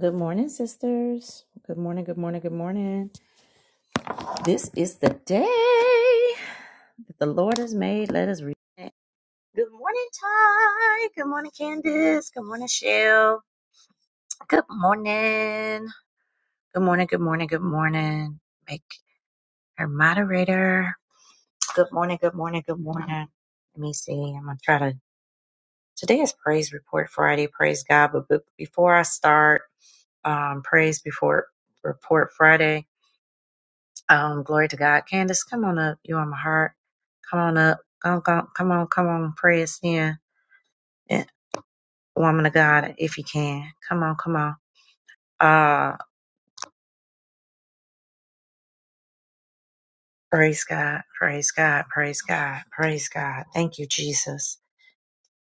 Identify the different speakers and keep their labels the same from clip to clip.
Speaker 1: Good morning, sisters. Good morning, good morning, good morning. This is the day that the Lord has made. Let us read. it. Good morning, Ty. Good morning, Candace. Good morning, Shell. Good morning. Good morning, good morning, good morning. Make her moderator. Good morning, good morning, good morning. Let me see. I'm going to try to. Today is Praise Report Friday. Praise God. But but before I start, um, Praise Before Report Friday, Um, glory to God. Candace, come on up. You on my heart. Come on up. Come, come, come on, come on. Pray us in. Eh, Woman of God, if you can. Come on, come on. Uh, praise God. Praise God. Praise God. Praise God. Thank you, Jesus.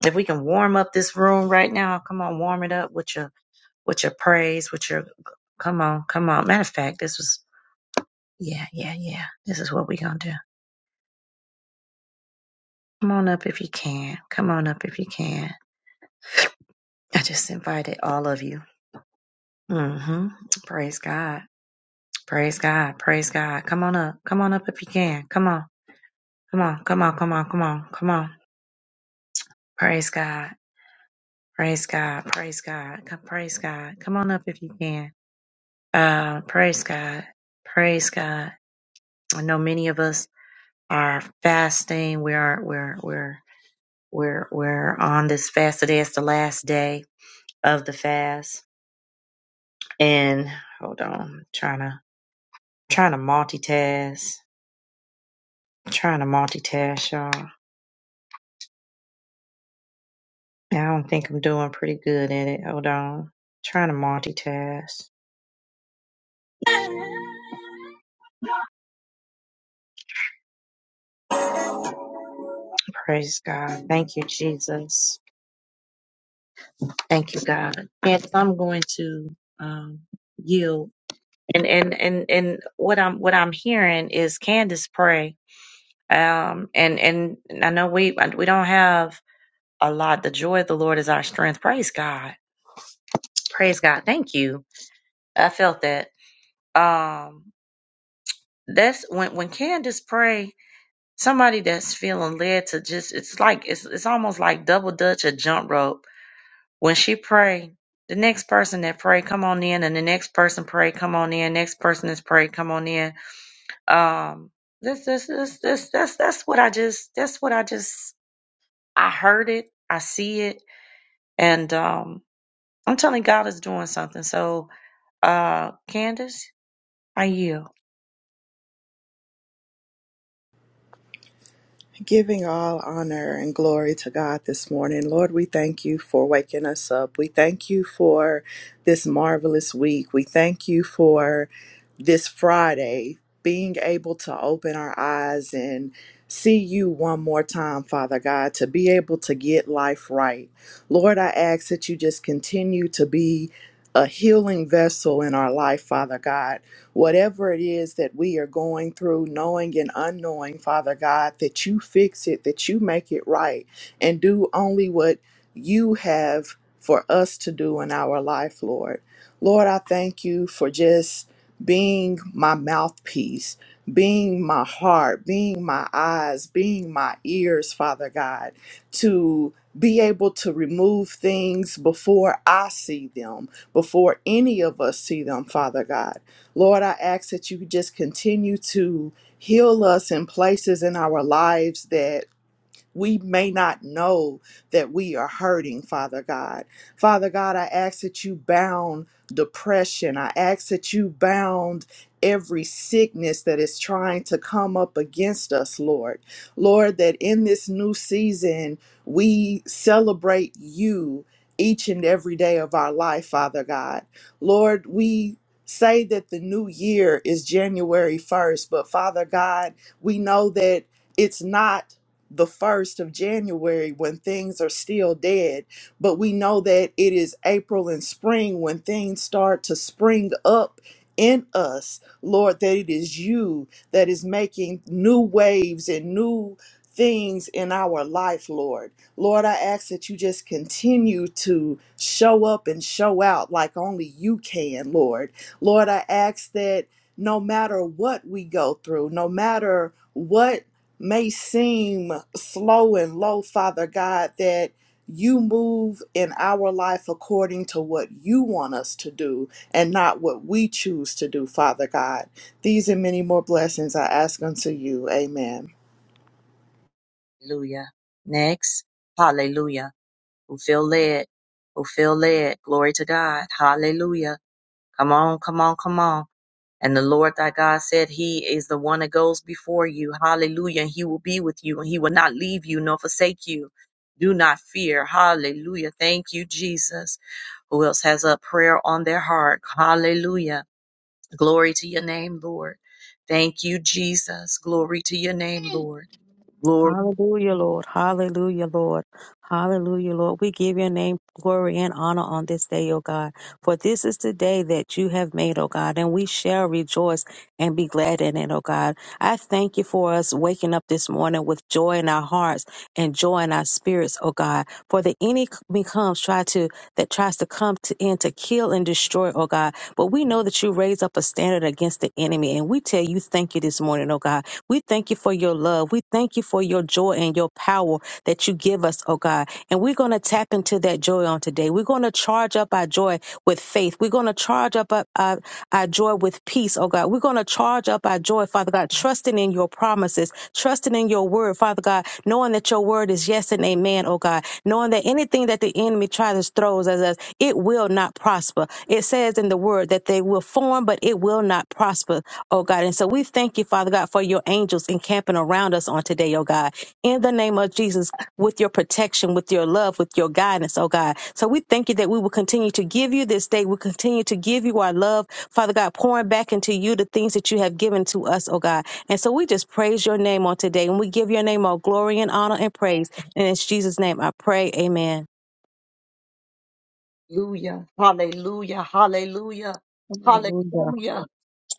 Speaker 1: If we can warm up this room right now, come on, warm it up with your, with your praise, with your, come on, come on. Matter of fact, this was, yeah, yeah, yeah. This is what we gonna do. Come on up if you can. Come on up if you can. I just invited all of you. hmm Praise God. Praise God. Praise God. Come on up. Come on up if you can. Come on. Come on. Come on. Come on. Come on. Come on. Praise God. Praise God. Praise God. Come, praise God. Come on up if you can. Uh, praise God. Praise God. I know many of us are fasting. We are, we're, we're, we're, we're on this fast today. It's the last day of the fast. And hold on. I'm trying to, trying to multitask. Trying to multitask, y'all. I don't think I'm doing pretty good at it. Hold on. Trying to multitask. Praise God. Thank you, Jesus. Thank you, God. Yes, I'm going to um yield. And and and and what I'm what I'm hearing is Candace pray. Um and and I know we we don't have a lot. The joy of the Lord is our strength. Praise God. Praise God. Thank you. I felt that. Um that's when when Candace pray. somebody that's feeling led to just it's like it's it's almost like double dutch or jump rope. When she pray, the next person that pray, come on in, and the next person pray, come on in, next person is pray, come on in. Um this this this this that's that's what I just that's what I just I heard it, I see it, and um I'm telling God is doing something. So uh Candace, I yield.
Speaker 2: Giving all honor and glory to God this morning. Lord, we thank you for waking us up. We thank you for this marvelous week. We thank you for this Friday being able to open our eyes and see you one more time, Father God, to be able to get life right. Lord, I ask that you just continue to be a healing vessel in our life, Father God. Whatever it is that we are going through, knowing and unknowing, Father God, that you fix it, that you make it right, and do only what you have for us to do in our life, Lord. Lord, I thank you for just being my mouthpiece, being my heart, being my eyes, being my ears, Father God, to be able to remove things before I see them, before any of us see them, Father God. Lord, I ask that you just continue to heal us in places in our lives that. We may not know that we are hurting, Father God. Father God, I ask that you bound depression. I ask that you bound every sickness that is trying to come up against us, Lord. Lord, that in this new season, we celebrate you each and every day of our life, Father God. Lord, we say that the new year is January 1st, but Father God, we know that it's not the 1st of January when things are still dead, but we know that it is April and spring when things start to spring up in us, Lord, that it is you that is making new waves and new things in our life, Lord. Lord, I ask that you just continue to show up and show out like only you can, Lord. Lord, I ask that no matter what we go through, no matter what may seem slow and low, Father God, that you move in our life according to what you want us to do and not what we choose to do, Father God. These and many more blessings I ask unto you. Amen.
Speaker 1: Hallelujah. Next. Hallelujah. who feel led, who feel led. Glory to God. Hallelujah. Come on, come on, come on. And the Lord thy God said, He is the one that goes before you. Hallelujah. And He will be with you, and He will not leave you nor forsake you. Do not fear. Hallelujah. Thank you, Jesus. Who else has a prayer on their heart? Hallelujah. Glory to your name, Lord. Thank you, Jesus. Glory to your name, Lord. Glory.
Speaker 3: Hallelujah, Lord. Hallelujah, Lord. Hallelujah, Lord. We give your name glory and honor on this day, O God. For this is the day that you have made, O God, and we shall rejoice and be glad in it, O God. I thank you for us waking up this morning with joy in our hearts and joy in our spirits, oh God. For the enemy comes try to that tries to come to in to kill and destroy, oh God. But we know that you raise up a standard against the enemy. And we tell you thank you this morning, oh God. We thank you for your love. We thank you for your joy and your power that you give us, oh God. And we're going to tap into that joy on today. We're going to charge up our joy with faith. We're going to charge up our, our, our joy with peace, oh God. We're going to charge up our joy, Father God, trusting in your promises, trusting in your word, Father God, knowing that your word is yes and amen, oh God, knowing that anything that the enemy tries to throw at us, it will not prosper. It says in the word that they will form, but it will not prosper, oh God. And so we thank you, Father God, for your angels encamping around us on today, oh God. In the name of Jesus, with your protection, with your love, with your guidance, oh God. So we thank you that we will continue to give you this day. We continue to give you our love, Father God, pouring back into you the things that you have given to us, oh God. And so we just praise your name on today and we give your name all glory and honor and praise. And in Jesus' name I pray, amen.
Speaker 1: Hallelujah. Hallelujah. Hallelujah.
Speaker 3: Hallelujah.
Speaker 1: Hallelujah.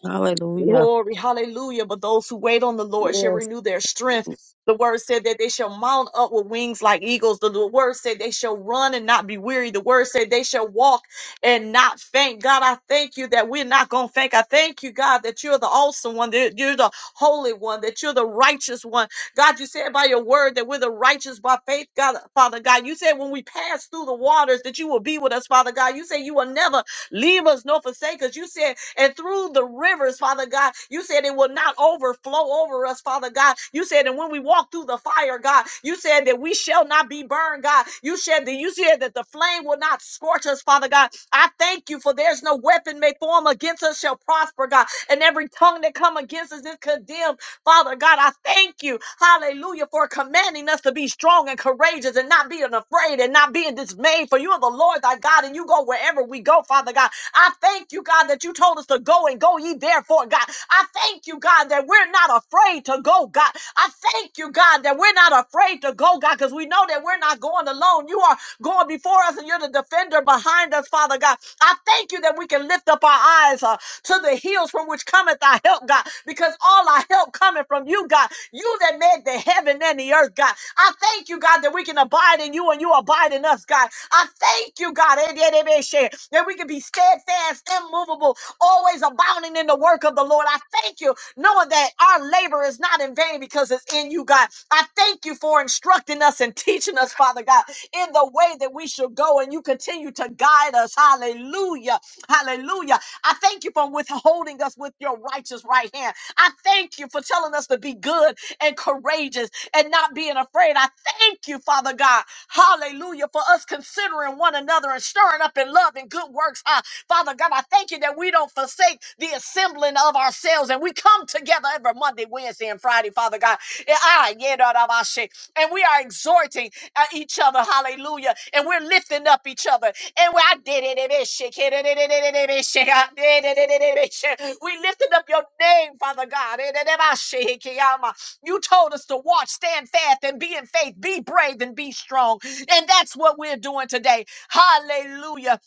Speaker 3: Hallelujah.
Speaker 1: Glory, hallelujah. But those who wait on the Lord shall
Speaker 3: Yes.
Speaker 1: renew their strength. The word said that they shall mount up with wings like eagles. The the word said they shall run and not be weary. The word said they shall walk and not faint. God, I thank you that we're not going to faint. I thank you, God, that you're the awesome one, that you're the holy one, that you're the righteous one. God, you said by your word that we're the righteous by faith, God, Father God. You said when we pass through the waters that you will be with us, Father God. You said you will never leave us nor forsake us. You said and through the rivers, Father God. You said it will not overflow over us, Father God. You said, and when we walk through the fire, God, you said that we shall not be burned, God. You said that you said that the flame will not scorch us, Father God. I thank you for there's no weapon may form against us shall prosper, God. And every tongue that come against us is condemned, Father God. I thank you, hallelujah, for commanding us to be strong and courageous and not being afraid and not being dismayed. For you are the Lord thy God, and you go wherever we go, Father God. I thank you, God, that you told us to go and go ye therefore, God. I thank you, God, that we're not afraid to go, God. I thank you, God, that we're not afraid to go, God, because we know that we're not going alone. You are going before us and you're the defender behind us, Father God. I thank you that we can lift up our eyes uh, to the hills from which cometh our help, God, because all our help coming from you, God. You that made the heaven and the earth, God. I thank you, God, that we can abide in you and you abide in us, God. I thank you, God, that we can be steadfast, immovable, always abounding in the work of the Lord. I thank you, knowing that our labor is not in vain because it's in you, God. I thank you for instructing us and teaching us, Father God, in the way that we should go, and you continue to guide us. Hallelujah. Hallelujah. I thank you for withholding us with your righteous right hand. I thank you for telling us to be good and courageous and not being afraid. I thank you, Father God. Hallelujah. For us considering one another and stirring up in love and good works. Ah, Father God, I thank you that we don't forsake the assembling of ourselves and we come together every Monday, Wednesday, and Friday, Father God. Eh, ah, yeah, da, da, ba, shi. And we are exhorting uh, each other. Hallelujah. And we're lifting up each other. And we I did it. it is shake, it, it, it, it, it, it, it, shake, I did it, it, it, it, it, shake. We lifted up your name, Father God. It, it, it, I shake, yama. You told us to watch, stand fast, and be in faith, be brave, and be strong. And that's what we're doing today. Hallelujah.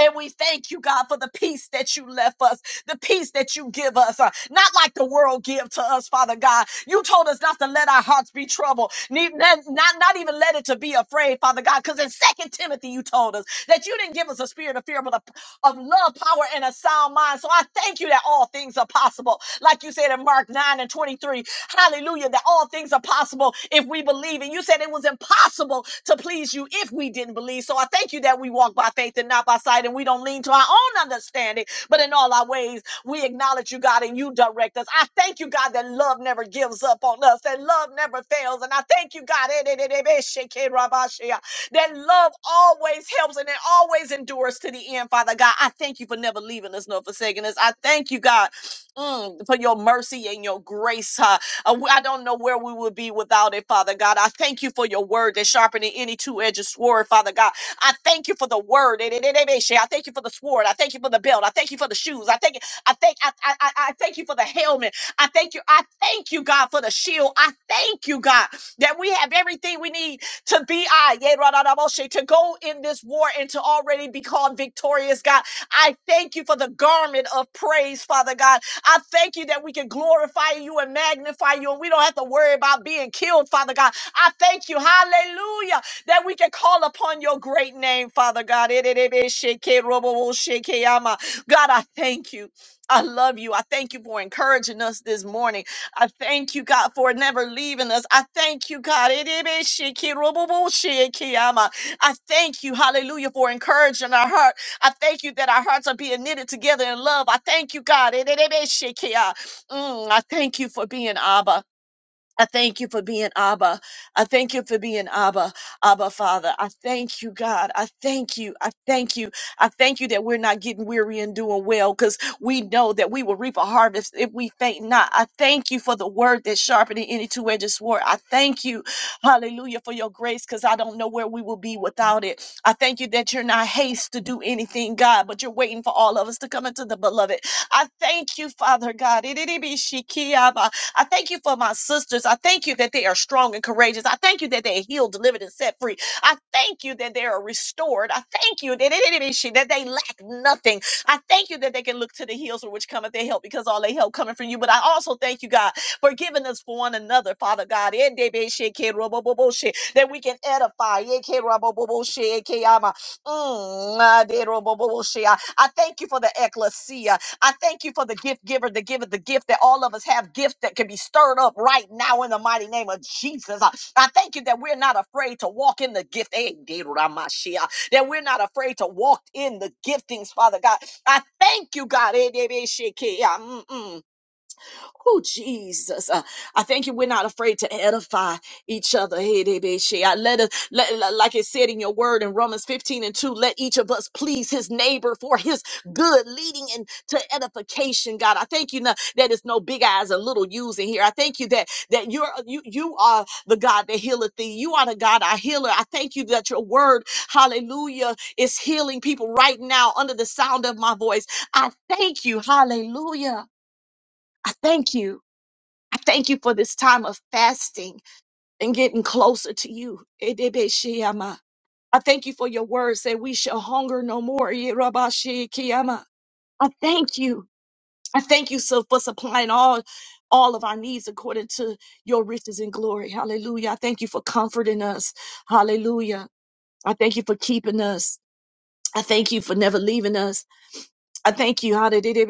Speaker 1: And we thank you, God, for the peace that you left us, the peace that you give us, uh, not like the world give to us, Father God. You told us not to let our hearts be troubled, ne- not, not, not even let it to be afraid, Father God, because in Second Timothy, you told us that you didn't give us a spirit of fear, but a of love, power, and a sound mind. So I thank you that all things are possible. Like you said in Mark 9 and 23, Hallelujah. That all things are possible if we believe. And you said it was impossible to please you if we didn't believe. So I thank you that we walk by faith and not by sight and we don't lean to our own understanding, but in all our ways, we acknowledge you, God, and you direct us. I thank you, God, that love never gives up on us, that love never fails. And I thank you, God, eh, eh, eh, eh, eh, sheke rabashea, that love always helps and it always endures to the end, Father God. I thank you for never leaving us nor forsaking us. I thank you, God, mm, for your mercy and your grace. huh, uh, we- I don't know where we would be without it, Father God. I thank you for your word that sharpening any two-edged sword, Father God. I thank you for the word. I thank you for the sword. I thank you for the belt. I thank you for the shoes. I thank you. I thank I, I, I I thank you for the helmet. I thank you. I thank you, God, for the shield. I thank you, God, that we have everything we need to be I yeah, ra- ra- ra- moshe to go in this war and to already be called victorious, God. I thank you for the garment of praise, Father God I thank you that we can glorify you and magnify you, and we don't have to worry about being killed, Father God. I thank you, hallelujah, that we can call upon your great name, Father God. God, I thank you. I love you. I thank you for encouraging us this morning. I thank you, God, for never leaving us. I thank you, God. I thank you, hallelujah, for encouraging our heart. I thank you that our hearts are being knitted together in love. I thank you, God. Mm, I thank you for being Abba. I thank you for being Abba. I thank you for being Abba, Abba Father. I thank you, God. I thank you. I thank you. I thank you that we're not getting weary and doing well because we know that we will reap a harvest if we faint not. I thank you for the word that's sharpening any two edged sword. I thank you, hallelujah, for your grace because I don't know where we will be without it. I thank you that you're not haste to do anything, God, but you're waiting for all of us to come into the beloved. I thank you, Father God. I thank you for my sisters. I thank you that they are strong and courageous. I thank you that they are healed, delivered, and set free. I thank you that they are restored. I thank you that it- that they lack nothing. I thank you that they can look to the hills from which cometh their help because all their help coming from you. But I also thank you, God, for giving us for one another, Father God, that we can edify. Mm, I thank you for the ecclesia. I thank you for the gift giver, the giver, the gift that all of us have gift that can be stirred up right now in the mighty name of Jesus. Uh, I thank you that we're not afraid to walk in the gift. Eh, Dedoramashia, That we're not afraid to walk in the giftings, Father God. I thank you, God. Eh, Debeshike, yeah, mm, mm. Oh, Jesus. Uh, I thank you. We're not afraid to edify each other. Hey, they be she. I Let us, let, li- like it said in your word in Romans 15 and 2, let each of us please his neighbor for his good, leading into edification, God. I thank you now that it's no big eyes and little U's in here. I thank you that that you're you you are the God that healeth thee. You are the God our healer. I thank you that your word, hallelujah, is healing people right now under the sound of my voice. I thank you, hallelujah. I thank you. I thank you for this time of fasting and getting closer to you. Edebeshiyama. I thank you for your words that we shall hunger no more. Yerabashikiyama. I thank you. I thank you so for supplying all all of our needs according to your riches and glory. Hallelujah. I thank you for comforting us. Hallelujah. I thank you for keeping us. I thank you for never leaving us. I thank you, hallelujah.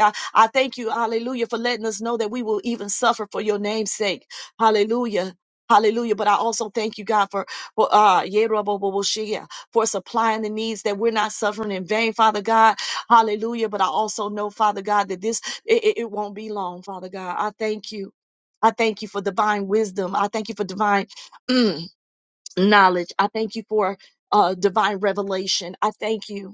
Speaker 1: I thank you, hallelujah, for letting us know that we will even suffer for your name's sake. Hallelujah. Hallelujah. But I also thank you, God, for for uh Yeroboboboshia, for supplying the needs that we're not suffering in vain, Father God. Hallelujah. But I also know, Father God, that this it, it it won't be long, Father God. I thank you. I thank you for divine wisdom. I thank you for divine mm, knowledge. I thank you for uh, divine revelation. I thank you.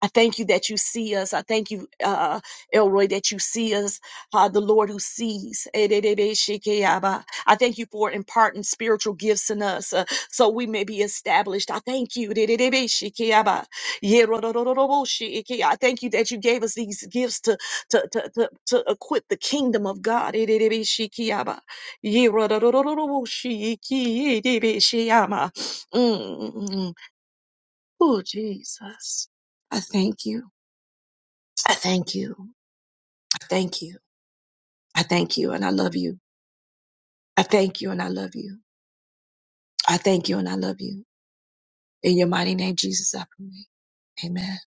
Speaker 1: I thank you that you see us. I thank you, uh, Elroy, that you see us, uh, the Lord who sees. I thank you for imparting spiritual gifts in us uh, so we may be established. I thank you. I thank you that you gave us these gifts to, to, to, to, to equip the kingdom of God. Mm. mm, mm, mm. Oh, Jesus. I thank you. I thank you. I thank you. I thank you and I love you. I thank you and I love you. I thank you and I love you. In your mighty name, Jesus, I pray. Amen.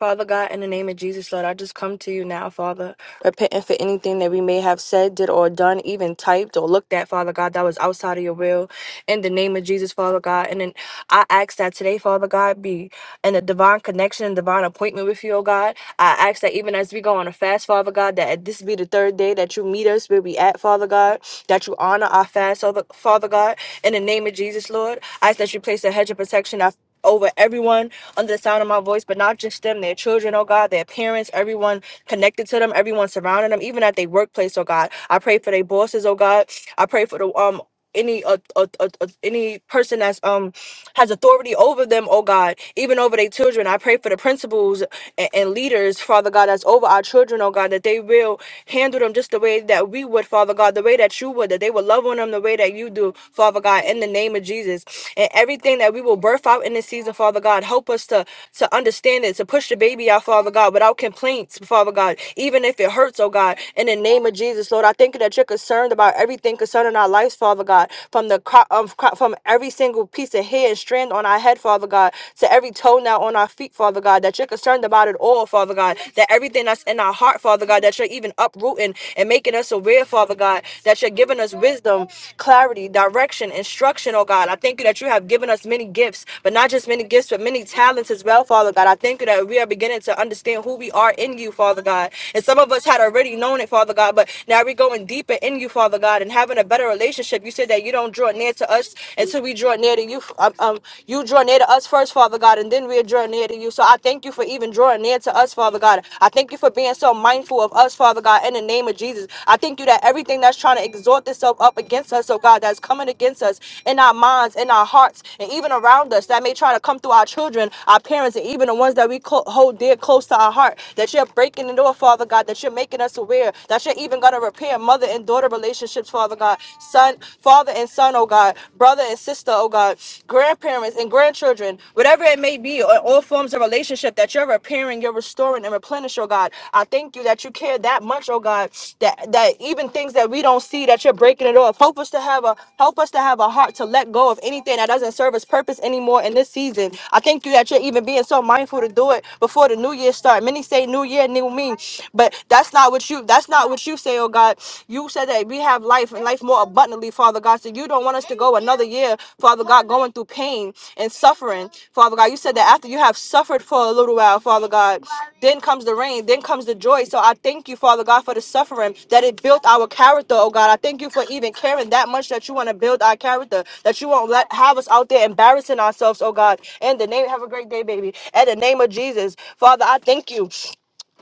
Speaker 4: Father God, in the name of Jesus, Lord, I just come to you now, Father, repenting for anything that we may have said, did, or done, even typed or looked at, Father God, that was outside of your will. In the name of Jesus, Father God. And then I ask that today, Father God, be in a divine connection and divine appointment with you, oh God. I ask that even as we go on a fast, Father God, that this be the third day that you meet us where we at, Father God, that you honor our fast, Father Father God. In the name of Jesus, Lord, I ask that you place a hedge of protection over everyone under the sound of my voice, but not just them, their children, oh God, their parents, everyone connected to them, everyone surrounding them, even at their workplace, oh God. I pray for their bosses, oh God. I pray for the um any uh, uh, uh, uh, any person that's um has authority over them, oh God, even over their children. I pray for the principals and, and leaders, Father God, that's over our children, oh God, that they will handle them just the way that we would, Father God, the way that you would, that they will love on them the way that you do, Father God, in the name of Jesus. And everything that we will birth out in this season, Father God, help us to, to understand it, to push the baby out, Father God, without complaints, Father God, even if it hurts, oh God, in the name of Jesus, Lord. I thank you that you're concerned about everything concerning our lives, Father God, from the cro- um, cro- from every single piece of hair and strand on our head, Father God, to every toenail on our feet, Father God, that you're concerned about it all, Father God, that everything that's in our heart, Father God, that you're even uprooting and making us aware, Father God, that you're giving us wisdom, clarity, direction, instruction, oh God. I thank you that you have given us many gifts, but not just many gifts, but many talents as well, Father God. I thank you that we are beginning to understand who we are in you, Father God. And some of us had already known it, Father God, but now we're going deeper in you, Father God, and having a better relationship. You said that you don't draw near to us until we draw near to you. Um, um, you draw near to us first, Father God, and then we'll draw near to you. So I thank you for even drawing near to us, Father God. I thank you for being so mindful of us, Father God, in the name of Jesus. I thank you that everything that's trying to exalt itself up against us, oh God, that's coming against us in our minds, in our hearts, and even around us that may try to come through our children, our parents, and even the ones that we clo- hold dear close to our heart, that you're breaking the door, Father God, that you're making us aware, that you're even going to repair repair mother and daughter relationships, Father God, son, father and son, oh God, brother and sister, oh God, grandparents and grandchildren, whatever it may be, or all forms of relationship that you're repairing, you're restoring and replenish, oh God. I thank you that you care that much, oh God, that that even things that we don't see that you're breaking it off. Help us to have a help us to have a heart to let go of anything that doesn't serve us purpose anymore in this season. I thank you that you're even being so mindful to do it before the new year start. Many say new year, new me, but that's that's not what you that's not what you say, oh God. You said that we have life and life more abundantly, Father God. So you don't want us to go another year, Father God, going through pain and suffering, Father God. You said that after you have suffered for a little while, Father God, then comes the rain, then comes the joy. So I thank you, Father God, for the suffering that it built our character, oh God. I thank you for even caring that much that you want to build our character, that you won't let have us out there embarrassing ourselves, oh God. In the name, have a great day, baby. In the name of Jesus, Father, I thank you.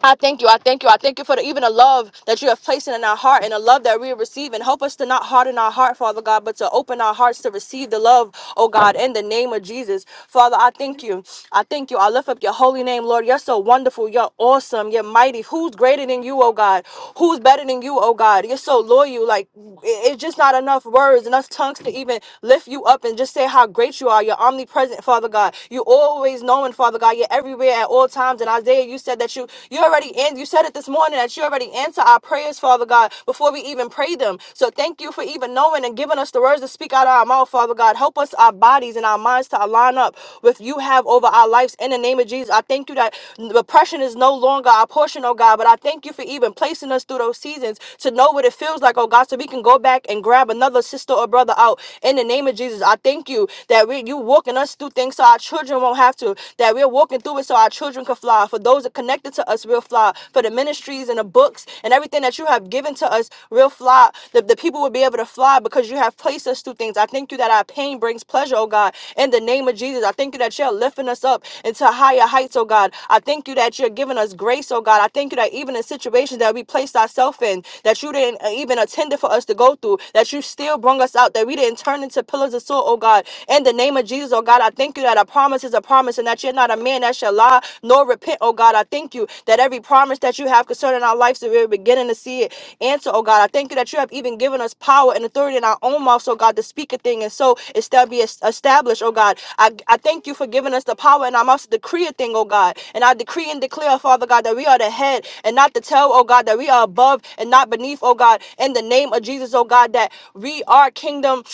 Speaker 4: I thank you. I thank you. I thank you for the, even the love that you have placed in our heart and the love that we are receiving. Help us to not harden our heart, Father God, but to open our hearts to receive the love, oh God, in the name of Jesus. Father, I thank you. I thank you. I lift up your holy name, Lord. You're so wonderful. You're awesome. You're mighty. Who's greater than you, oh God? Who's better than you, oh God? You're so loyal. Like, it- it's just not enough words, enough tongues to even lift you up and just say how great you are. You're omnipresent, Father God. You always knowing, Father God. You're everywhere at at all times. And Isaiah, you said that you you already in. You said it this morning that you already answer our prayers, Father God, before we even pray them. So thank you for even knowing and giving us the words to speak out of our mouth, Father God. Help us, our bodies and our minds, to align up with you have over our lives. In the name of Jesus, I thank you that oppression is no longer our portion, oh God. But I thank you for even placing us through those seasons to know what it feels like, oh God, so we can go back and grab another sister or brother out. In the name of Jesus, I thank you that we you walking us through things so our children children won't have to. That we're walking through it so our children can fly. For those that connected to us, we'll fly. For the ministries and the books and everything that you have given to us, we'll fly. The, the people will be able to fly because you have placed us through things. I thank you that our pain brings pleasure, oh God. In the name of Jesus, I thank you that you're lifting us up into higher heights, oh God. I thank you that you're giving us grace, oh God. I thank you that even in situations that we placed ourselves in, that you didn't uh, even attend it for us to go through, that you still brought us out, that we didn't turn into pillars of salt, oh God. In the in the name of Jesus, oh God, I thank you that a promise is a promise and that you're not a man that shall lie nor repent, oh God. I thank you that every promise that you have concerning our lives, that we're beginning to see it answer, oh God. I thank you that you have even given us power and authority in our own mouths, oh God, to speak a thing and so it shall be es- established, oh God. I, I thank you for giving us the power in our mouths to decree a thing, oh God. And I decree and declare, Father God, that we are the head and not the tail, oh God, that we are above and not beneath, oh God. In the name of Jesus, oh God, that we are kingdom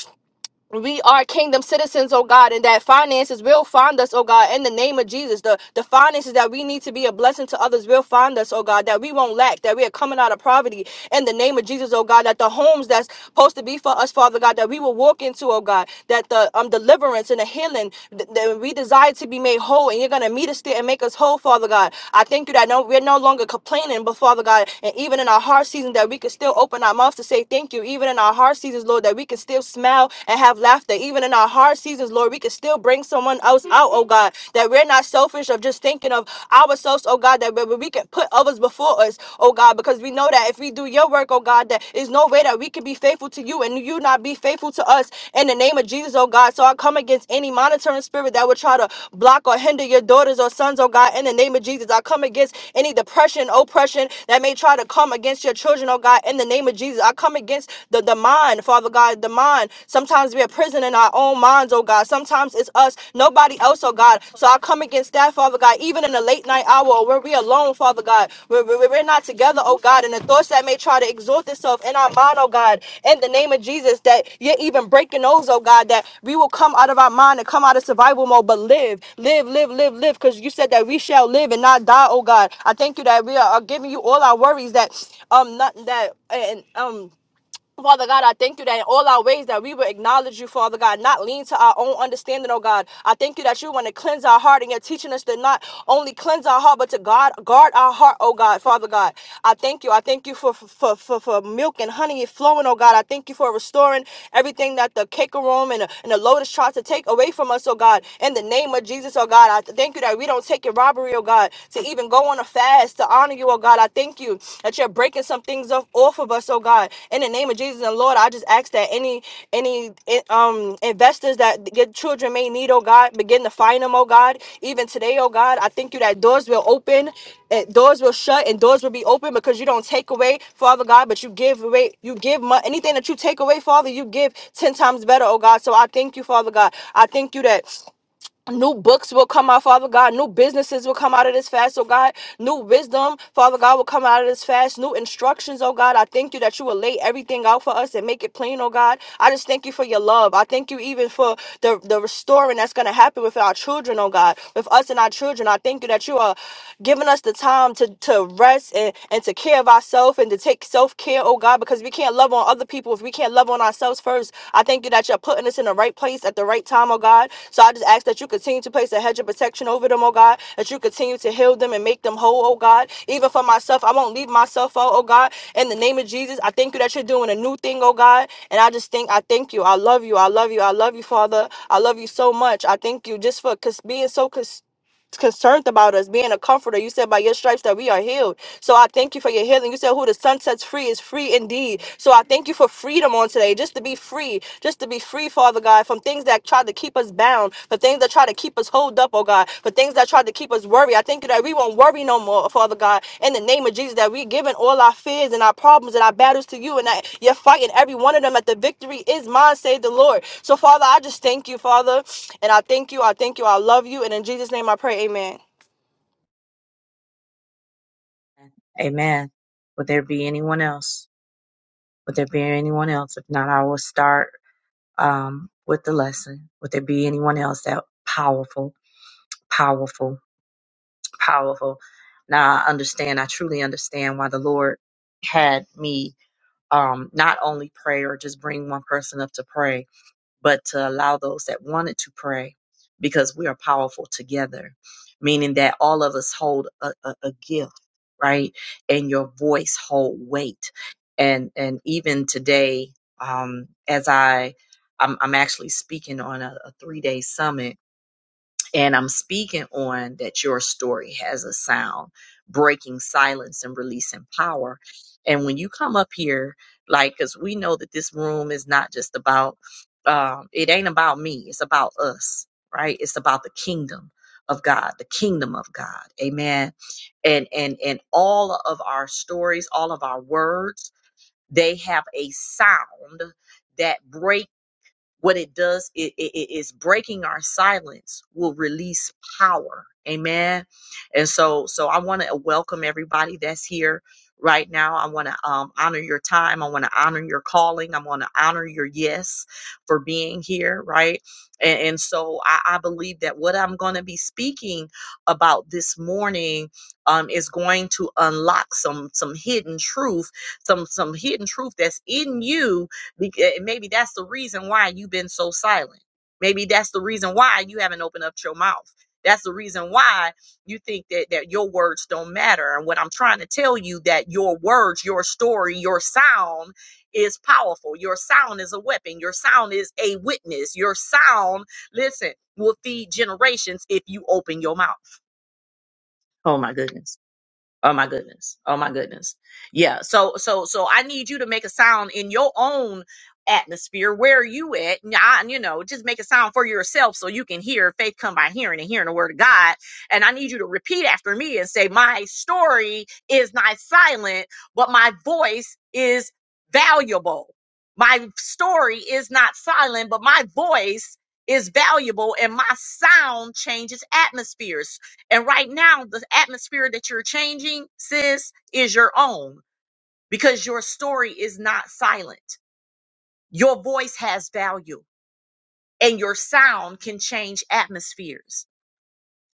Speaker 4: we are kingdom citizens, oh God, and that finances will find us, oh God, in the name of Jesus. The the finances that we need to be a blessing to others will find us, oh God, that we won't lack, that we are coming out of poverty in the name of Jesus, oh God, that the homes that's supposed to be for us, Father God, that we will walk into, oh God, that the um deliverance and the healing th- that we desire to be made whole, and you're gonna meet us there and make us whole, Father God. I thank you that no we're no longer complaining, but Father God, and even in our hard season that we can still open our mouths to say thank you, even in our hard seasons, Lord, that we can still smile and have laughter. Even in our hard seasons, Lord, we can still bring someone else out, oh God, that we're not selfish of just thinking of ourselves, oh God, that we we can put others before us, oh God, because we know that if we do your work, oh God, that is no way that we can be faithful to you and you not be faithful to us in the name of Jesus, oh God. So I come against any monitoring spirit that would try to block or hinder your daughters or sons, oh God, in the name of Jesus. I come against any depression, oppression that may try to come against your children, oh God, in the name of Jesus. I come against the demonic mind, Father God, the mind. Sometimes we are prison in our own minds, oh God. Sometimes it's us, nobody else, oh God. So I come against that, Father God, even in the late night hour where we're alone, Father God, where where- where we're not together, oh God, and the thoughts that may try to exalt itself in our mind, oh God, in the name of Jesus, that you're even breaking those, oh God, that we will come out of our mind and come out of survival mode, but live, live, live, live, live, because you said that we shall live and not die, oh God. I thank you that we are are giving you all our worries that um not that and um Father God, I thank you that in all our ways that we will acknowledge you, Father God, not lean to our own understanding, oh God. I thank you that you want to cleanse our heart and you're teaching us to not only cleanse our heart, but to guard, guard our heart, oh God, Father God. I thank you. I thank you for, for, for, for milk and honey flowing, oh God. I thank you for restoring everything that the cake room and, the- and the lotus tries to take away from us, oh God. In the name of Jesus, oh God, I thank you that we don't take your robbery, oh God, to even go on a fast past to honor you, oh God. I thank you that you're breaking some things off, off of us, oh God. In the name of Jesus and Lord, I just ask that any any eh, um investors that your children may need, oh God, begin to find them, oh God. Even today, oh God, I thank you that doors will open and doors will shut and doors will be open because you don't take away, Father God, but you give away, you give mu- anything that you take away, Father, you give 10 times better, oh God. So I thank you, Father God. I thank you that. New books will come out, Father God. New businesses will come out of this fast, oh God. New wisdom, Father God, will come out of this fast. New instructions, oh God. I thank you that you will lay everything out for us and make it plain, oh God. I just thank you for your love. I thank you even for the, the restoring that's going to happen with our children, oh God. With us and our children, I thank you that you are giving us the time to, to rest and, and to care of ourselves and to take self care, oh God. God, because we can't love on other people if we can't love on ourselves first. I thank you that you're putting us in the right place at the right time, oh God. So I just ask that you continue to place a hedge of protection over them, oh God, that you continue to heal them and make them whole, oh God. Even for myself, I won't leave myself out, oh God. In the name of Jesus, I thank you that you're doing a new thing, oh God. And I just think, I thank you. I love you. I love you. I love you, Father. I love you so much. I thank you just for cons- being so consistent concerned about us being a comforter. You said by your stripes that we are healed. So I thank you for your healing. You said who the sun sets free is free indeed. So I thank you for freedom on today, just to be free, just to be free, Father God, from things that try to keep us bound, for things that try to keep us hold up, oh God, for things that try to to keep us worried. I thank you that we won't worry no more, Father God, in the name of Jesus, that we're giving all our fears and our problems and our battles to you, and that you're fighting every one of them, that the victory is mine, say the Lord. So, Father, I just thank you, Father, and I thank you, I thank you, I love you, and in Jesus' name I pray, amen.
Speaker 1: Amen. Would there be anyone else? Would there be anyone else? If not, I will start um, with the lesson. Would there be anyone else that powerful, powerful, powerful? Now I understand. I truly understand why the Lord had me um, not only pray or just bring one person up to pray, but to allow those that wanted to pray because we are powerful together, meaning that all of us hold a, a, a gift, right? And your voice hold weight. And and even today, um, as I I'm, I'm actually speaking on a, a three day summit and I'm speaking on that your story has a sound, breaking silence and releasing power. And when you come up here, like, because we know that this room is not just about, um, it ain't about me, it's about us, right? It's about the kingdom of God, the kingdom of God. Amen. And, and, and all of our stories, all of our words, they have a sound that breaks what it does it, it it is breaking our silence will release power amen and so so i want to welcome everybody that's here right now i want to um, honor your time i want to honor your calling i want to honor your yes for being here right and, and so I, I believe that what i'm going to be speaking about this morning um, is going to unlock some some hidden truth some some hidden truth that's in you Bec- eh, Maybe that's the reason why you've been so silent. Maybe that's the reason why you haven't opened up your mouth. That's the reason why you think that, that your words don't matter. And what I'm trying to tell you that your words, your story, your sound is powerful. Your sound is a weapon. Your sound is a witness. Your sound, listen, will feed generations if you open your mouth. Oh my goodness. Oh my goodness. Oh my goodness. Yeah. So so so I need you to make a sound in your own atmosphere. Where are you at? And I- and, you know, just make a sound for yourself so you can hear faith come by hearing and hearing the word of God. And I need you to repeat after me and say, My story is not silent, but my voice is valuable. My story is not silent, but my voice is valuable and my sound changes atmospheres. And right now, the atmosphere that you're changing, sis, is your own because your story is not silent. Your voice has value and your sound can change atmospheres.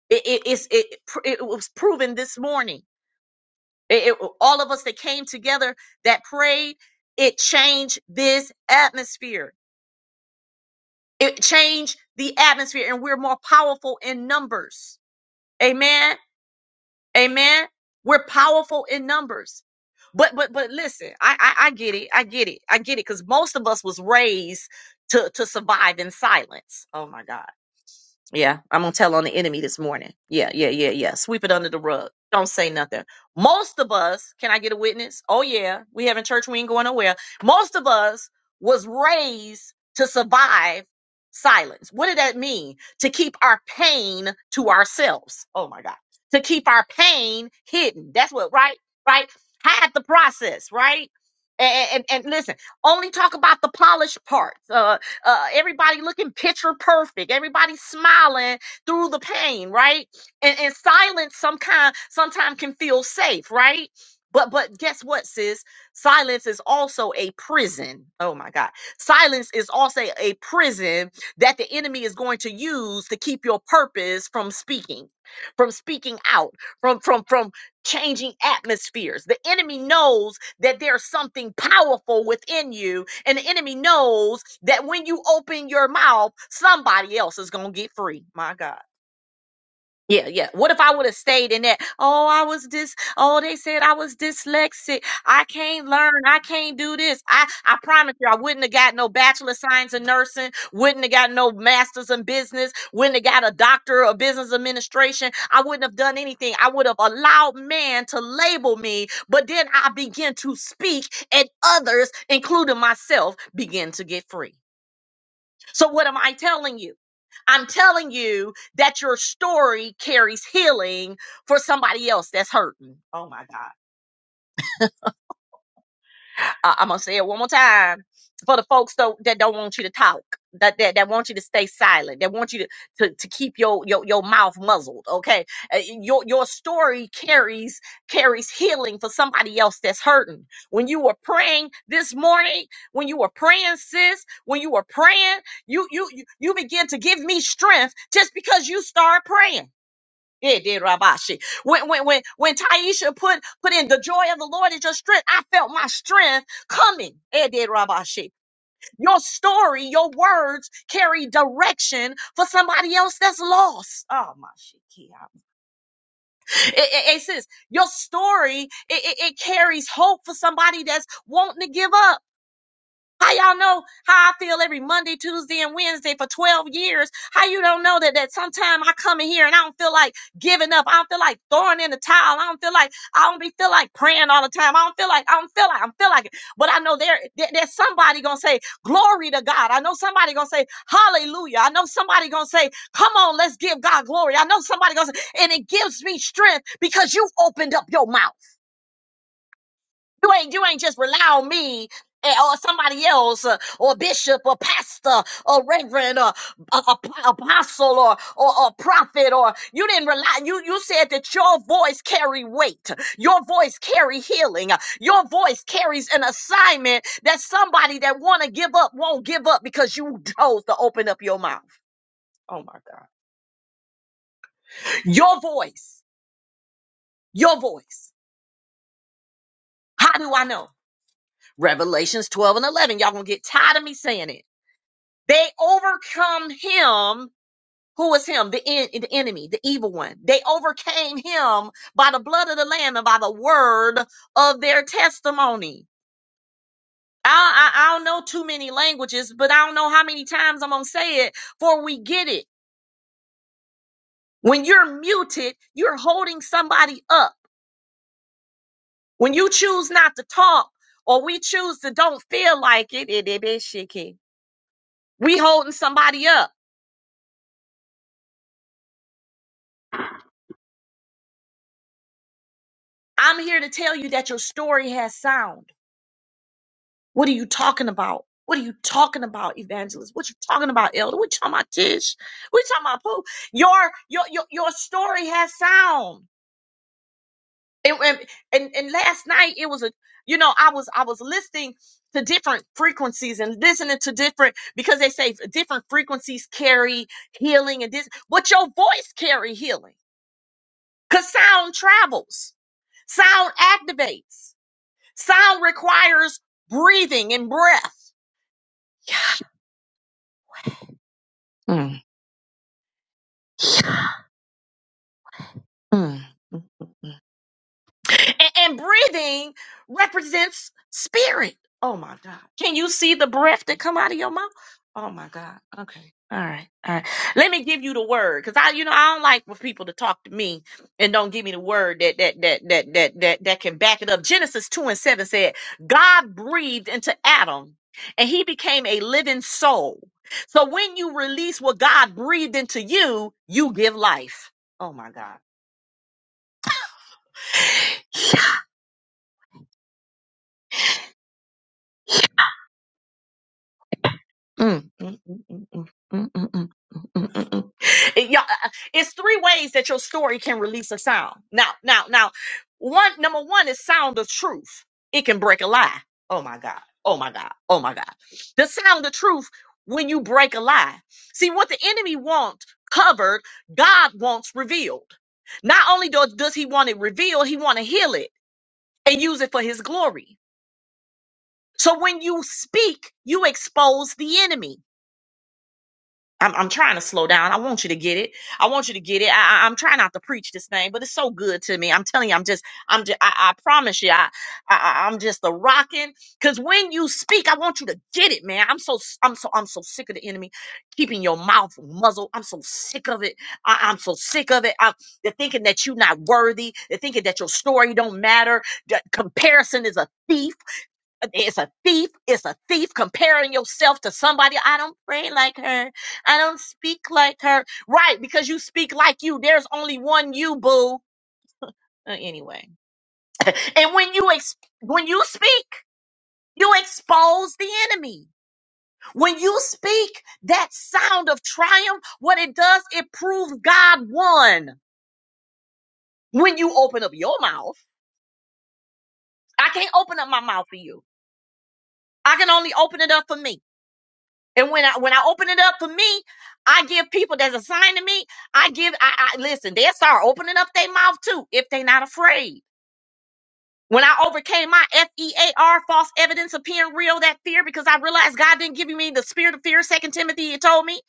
Speaker 1: It, it, it's, it, it was proven this morning. It- it- all of us that came together that prayed, it changed this atmosphere. It changed the atmosphere, and we're more powerful in numbers. Amen. Amen. We're powerful in numbers. But but but listen, I I, I get it. I get it. I get it. Because most of us was raised to to survive in silence. Oh my God. Yeah, I'm gonna tell on the enemy this morning. Yeah, yeah, yeah, yeah. Sweep it under the rug. Don't say nothing. Most of us, can I get a witness? Oh yeah, we having church. We ain't going nowhere. Most of us was raised to survive silence. What did that mean? To keep our pain to ourselves. Oh my God. To keep our pain hidden. That's what. Right. Right. Hide the process. Right. And and, and listen. Only talk about the polished parts. uh, uh, everybody looking picture perfect, everybody smiling through the pain, right? And, and silence some kind sometimes can feel safe, right? But but guess what, sis? Silence is also a prison. Oh my God. Silence is also a prison that the enemy is going to use to keep your purpose from speaking, from speaking out, from from from changing atmospheres. The enemy knows that there's something powerful within you and the enemy knows that when you open your mouth, somebody else is going to get free. My God. Yeah, yeah. What if I would have stayed in that? Oh, I was this. Oh, they said I was dyslexic. I can't learn. I can't do this. I, I promise you, I wouldn't have got no bachelor of science in nursing. Wouldn't have got no master's in business. Wouldn't have got a doctor of business administration. I wouldn't have done anything. I would have allowed man to label me, but then I begin to speak, and others, including myself, begin to get free. So what am I telling you? I'm telling you that your story carries healing for somebody else that's hurting. Oh my God. I, am gonna say it one more time for the folks though that don't want you to talk, that that, that want you to stay silent, that want you to, to, to keep your, your your mouth muzzled. Okay, Uh, your your story carries carries healing for somebody else that's hurting. When you were praying this morning, when you were praying, sis, when you were praying, you you you you begin to give me strength just because you start praying. It did Rabashi. When when when when Taisha put put in the joy of the Lord is your strength, I felt my strength coming. It did Rabashi. Your story, your words carry direction for somebody else that's lost. Oh my shit. It, it, it says your story it, it, it carries hope for somebody that's wanting to give up. How y'all know how I feel every Monday, Tuesday, and Wednesday for 12 years? How you don't know that that sometime I come in here and I don't feel like giving up. I don't feel like throwing in the towel. I don't feel like I don't be feel like praying all the time. I don't feel like I don't feel like I don't feel like it. But I know there, there- there's somebody gonna say glory to God. I know somebody gonna say hallelujah. I know somebody gonna say come on, let's give God glory. I know somebody gonna say, and it gives me strength because you opened up your mouth. You ain't you ain't just rely on me eh, or somebody else uh, or bishop or pastor or reverend or a- a- apostle or, or or prophet or you didn't rely you you said that your voice carry weight your voice carry healing your voice carries an assignment that somebody that want to give up won't give up because you chose to open up your mouth oh my god your voice your voice how do i know revelations 12 and 11 y'all gonna get tired of me saying it They overcome him. Who was him? The, en- the enemy, the evil one. They overcame him by the blood of the Lamb and by the word of their testimony. I, I, I don't know too many languages, but I don't know how many times I'm going to say it before we get it. When you're muted, you're holding somebody up. When you choose not to talk or we choose to don't feel like it, it, it, it, shit, we holding somebody up. I'm here to tell you that your story has sound. What are you talking about? What are you talking about, evangelist? What you talking about, elder? What you talking about, Tish? What you talking about, Pooh? Your, your your your story has sound. And, and and and last night it was a you know I was I was listening to different frequencies and listening to different because they say different frequencies carry healing and this But your voice carry healing because sound travels sound activates sound requires breathing and breath. Yeah. Mm. mm, mm, mm. And, and breathing represents spirit. Oh my God. Can you see the breath that come out of your mouth? Oh my God. Okay. All right. All right. Let me give you the word. Cause I, you know, I don't like for people to talk to me and don't give me the word that, that, that, that, that, that, that can back it up. Genesis 2 and 7 said, God breathed into Adam and he became a living soul. So when you release what God breathed into you, you give life. Oh my God. Yeah. Mm, mm, mm, mm, mm, mm, mm, mm, mm, mm, mm. It- y'all, uh, uh, it's three ways that your story can release a sound. Now, now, now, one number one is sound of truth. It can break a lie. Oh my God. Oh my God. Oh my God. The sound of truth when you break a lie. See what the enemy wants covered, God wants revealed. Not only does, does he want it revealed, he want to heal it and use it for his glory. So when you speak, you expose the enemy. I'm, I'm trying to slow down. I want you to get it. I want you to get it. I, I, am trying not to preach this thing, but it's so good to me. I'm telling you, I'm just, I'm just, I, I promise you, I, I, I- I'm just a rocking. Cause when you speak, I want you to get it, man. I'm so, s- I'm so, I'm so sick of the enemy keeping your mouth muzzled. I'm so sick of it. I, I'm so sick of it. I, they're thinking that you're not worthy. They're thinking that your story don't matter. That comparison is a thief it's a thief. It's a thief comparing yourself to somebody. I don't pray like her. I don't speak like her. Right, because you speak like you. There's only one you, boo. Uh, anyway, and when you ex- when you speak, you expose the enemy. When you speak that sound of triumph, what it does, it proves God won. When you open up your mouth, I can't open up my mouth for you. I can only open it up for me. And when I when I open it up for me, I give people that's assigned to me, I give I, I listen, they'll start opening up their mouth too if they not afraid. When I overcame my F-E-A-R, false evidence appearing real, that fear, because I realized God didn't give me the spirit of fear, second Timothy, it told me,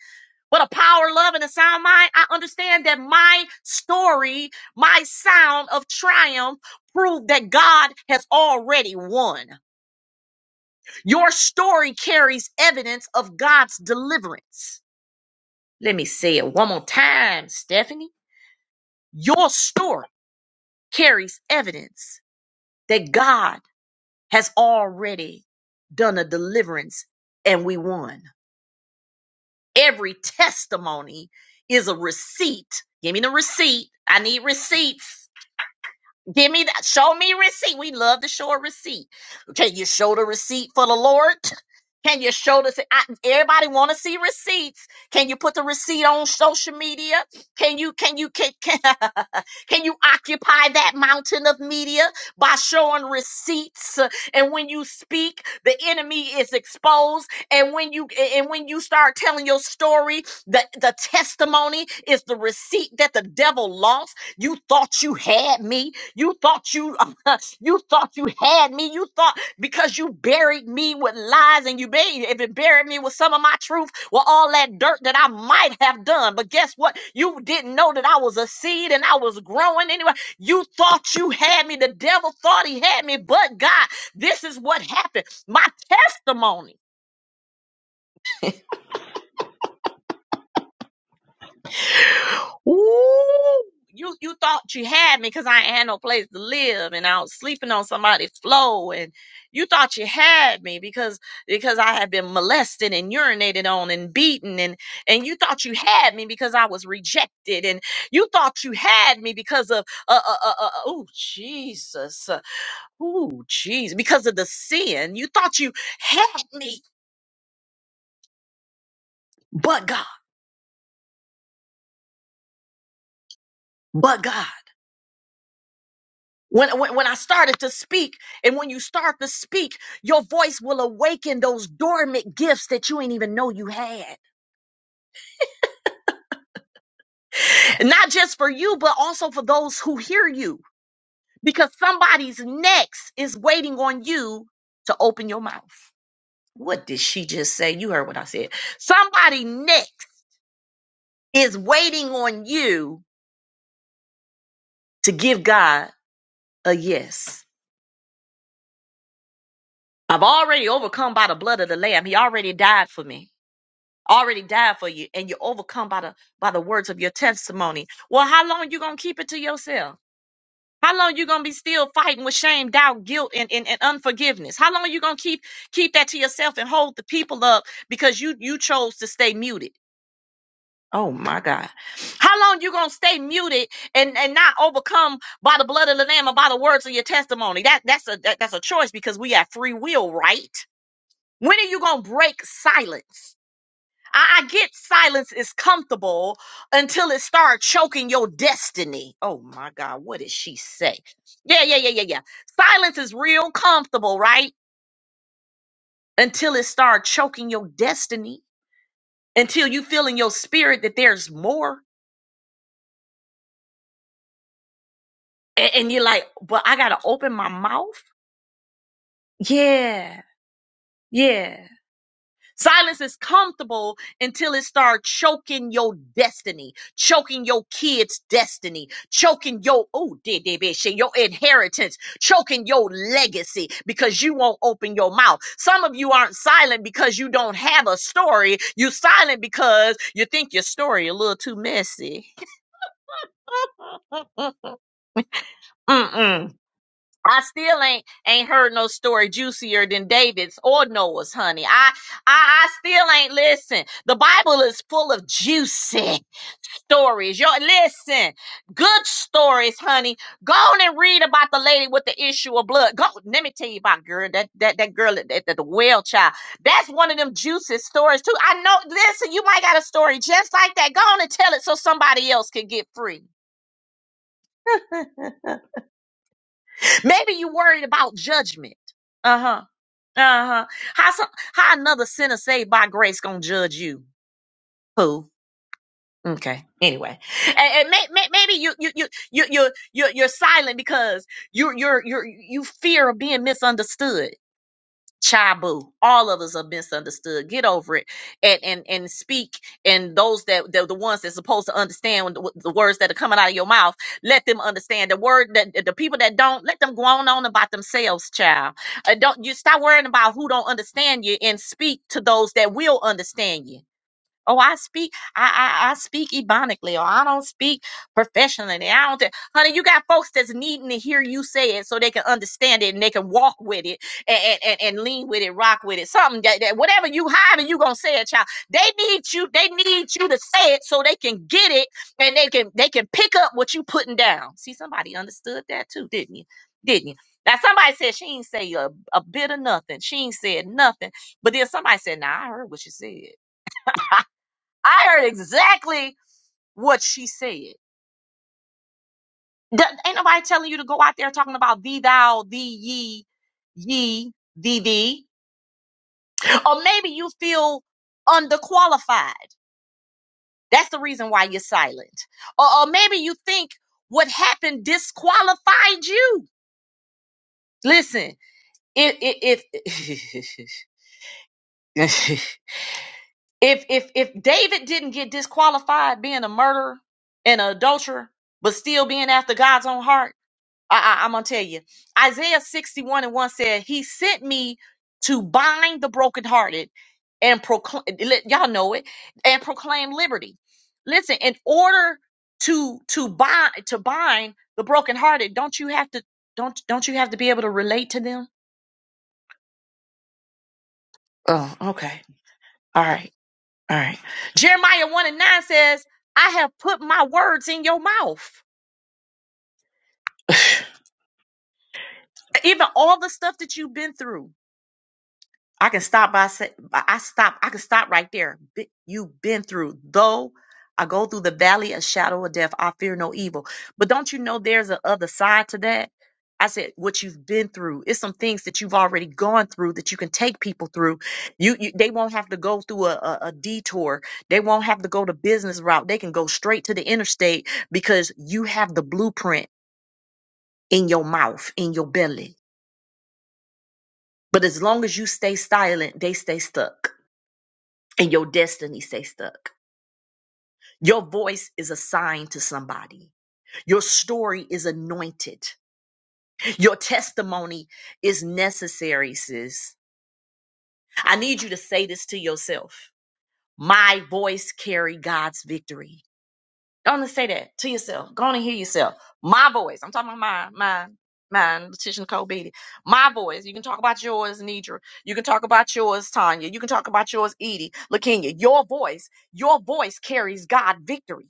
Speaker 1: but a power, love, and a sound mind. I understand that my story, my sound of triumph proved that God has already won. Your story carries evidence of God's deliverance. Let me say it one more time, Stephanie. Your story carries evidence that God has already done a deliverance and we won. Every testimony is a receipt. Give me the receipt. I need receipts Give me that. Show me receipt. We love to show a receipt. Can you show the receipt for the Lord? Can you show this? I, everybody want to see receipts. Can you put the receipt on social media? Can you can you can can, can you occupy that mountain of media by showing receipts? And when you speak, the enemy is exposed. And when you and when you start telling your story, the the testimony is the receipt that the devil lost. You thought you had me. You thought you you thought you had me. You thought because you buried me with lies and you buried if it buried me with some of my truth, with all that dirt that I might have done. But guess what? You didn't know that I was a seed and I was growing anyway. You thought you had me. The devil thought he had me, but God, this is what happened. My testimony Ooh, you you thought you had me because I ain't had no place to live and I was sleeping on somebody's floor and you thought you had me because because I had been molested and urinated on and beaten and and you thought you had me because I was rejected and you thought you had me because of uh uh uh, uh oh Jesus uh, oh Jesus because of the sin you thought you had me but God but God. When, when, when I started to speak, and when you start to speak, your voice will awaken those dormant gifts that you ain't even know you had. And Not just for you, but also for those who hear you, because somebody's next is waiting on you to open your mouth. What did she just say? You heard what I said. Somebody next is waiting on you to give God a yes. I've already overcome by the blood of the Lamb. He already died for me. already died for you and you're overcome by the by the words of your testimony well how long you gonna keep it to yourself how long you gonna be still fighting with shame doubt guilt and, and, and unforgiveness how long you gonna keep keep that to yourself and hold the people up because you you chose to stay muted oh my god how long you gonna stay muted and and not overcome by the blood of the lamb and by the words of your testimony that that's a that, that's a choice because we have free will right when are you gonna break silence I I get silence is comfortable until it starts choking your destiny. Oh my God, what did she say? Yeah, yeah, yeah, yeah, yeah. Silence is real comfortable, right? Until it starts choking your destiny, until you feel in your spirit that there's more. And, and you're like, but I got to open my mouth? Yeah, yeah. Silence is comfortable until it starts choking your destiny, choking your kids' destiny, choking your oh did they be shit, your inheritance, choking your legacy because you won't open your mouth. Some of you aren't silent because you don't have a story. You silent because you think your story a little too messy. Mm-mm. I still ain't ain't heard no story juicier than David's or Noah's, honey. I I, I still ain't listen. The Bible is full of juicy stories. Yo, listen, good stories, honey. Go on and read about the lady with the issue of blood. Go, let me tell you about girl that that that girl at at the well child. That's one of them juicy stories too. I know. Listen, you might got a story just like that. Go on and tell it so somebody else can get free. Maybe you worried about judgment. Uh huh. Uh-huh. How some how another sinner saved by grace gonna judge you? Who? Okay. Anyway, and, and may, may, maybe you you you you you you're, you're silent because you you're you're you fear of being misunderstood. Chabu. All of us are misunderstood. Get over it and and and speak. And those that the, the ones that's supposed to understand what- what the words that are coming out of your mouth, let them understand the word that the people that don't let them go on on about themselves, child. Uh, don't you stop worrying about who don't understand you and speak to those that will understand you Oh, I speak, I, I, I speak ebonically, or I don't speak professionally. I don't, th- honey, you got folks that's needing to hear you say it so they can understand it and they can walk with it and, and, and, and lean with it, rock with it. Something that, that whatever you hiding, you gonna say it, child. They need you, they need you to say it so they can get it and they can they can pick up what you putting down. See, somebody understood that too, didn't you? Didn't you? Now somebody said she ain't say a, a bit of nothing. She ain't said nothing. But then somebody said, "Nah, I heard what she said." I heard exactly what she said. Th- ain't nobody telling you to go out there talking about thee, thou, thee, ye, ye, thee, thee. Or maybe you feel underqualified. That's the reason why you're silent. Or, or maybe you think what happened disqualified you. Listen, if if if if, if David didn't get disqualified being a murderer and an adulterer, but still being after God's own heart I, I, I'm gonna tell you. Isaiah 61 and 1 said, He sent me to bind the brokenhearted and proclaim let- y'all know it and proclaim liberty. Listen, in order to to bind to bind the brokenhearted, don't you have to don't don't you have to be able to relate to them? Oh, okay. All right, all right. Jeremiah 1 and 9 says, I have put my words in your mouth. Even all the stuff that you've been through. I can stop by say by- I stop. I can stop right there. Be- You've been through though. I go through the valley of shadow of death. I fear no evil. But don't you know there's a other side to that? I said what you've been through. It's some things that you've already gone through that you can take people through. You, you they won't have to go through a, a, a detour. They won't have to go the business route. They can go straight to the interstate because you have the blueprint in your mouth, in your belly. But as long as you stay silent, they stay stuck. and your destiny stay stuck. Your voice is assigned to somebody. Your story is anointed. Your testimony is necessary, sis. I need you to say this to yourself. My voice carry God's victory. Go on and say that to yourself. Go on and hear yourself. My voice. I'm talking about mine, mine, mine, Letitia Cole Beatty. My voice. You can talk about yours, Nidra. You can talk about yours, Tanya. You can talk about yours, Edie, Lakenya. Your voice, your voice carries God victory.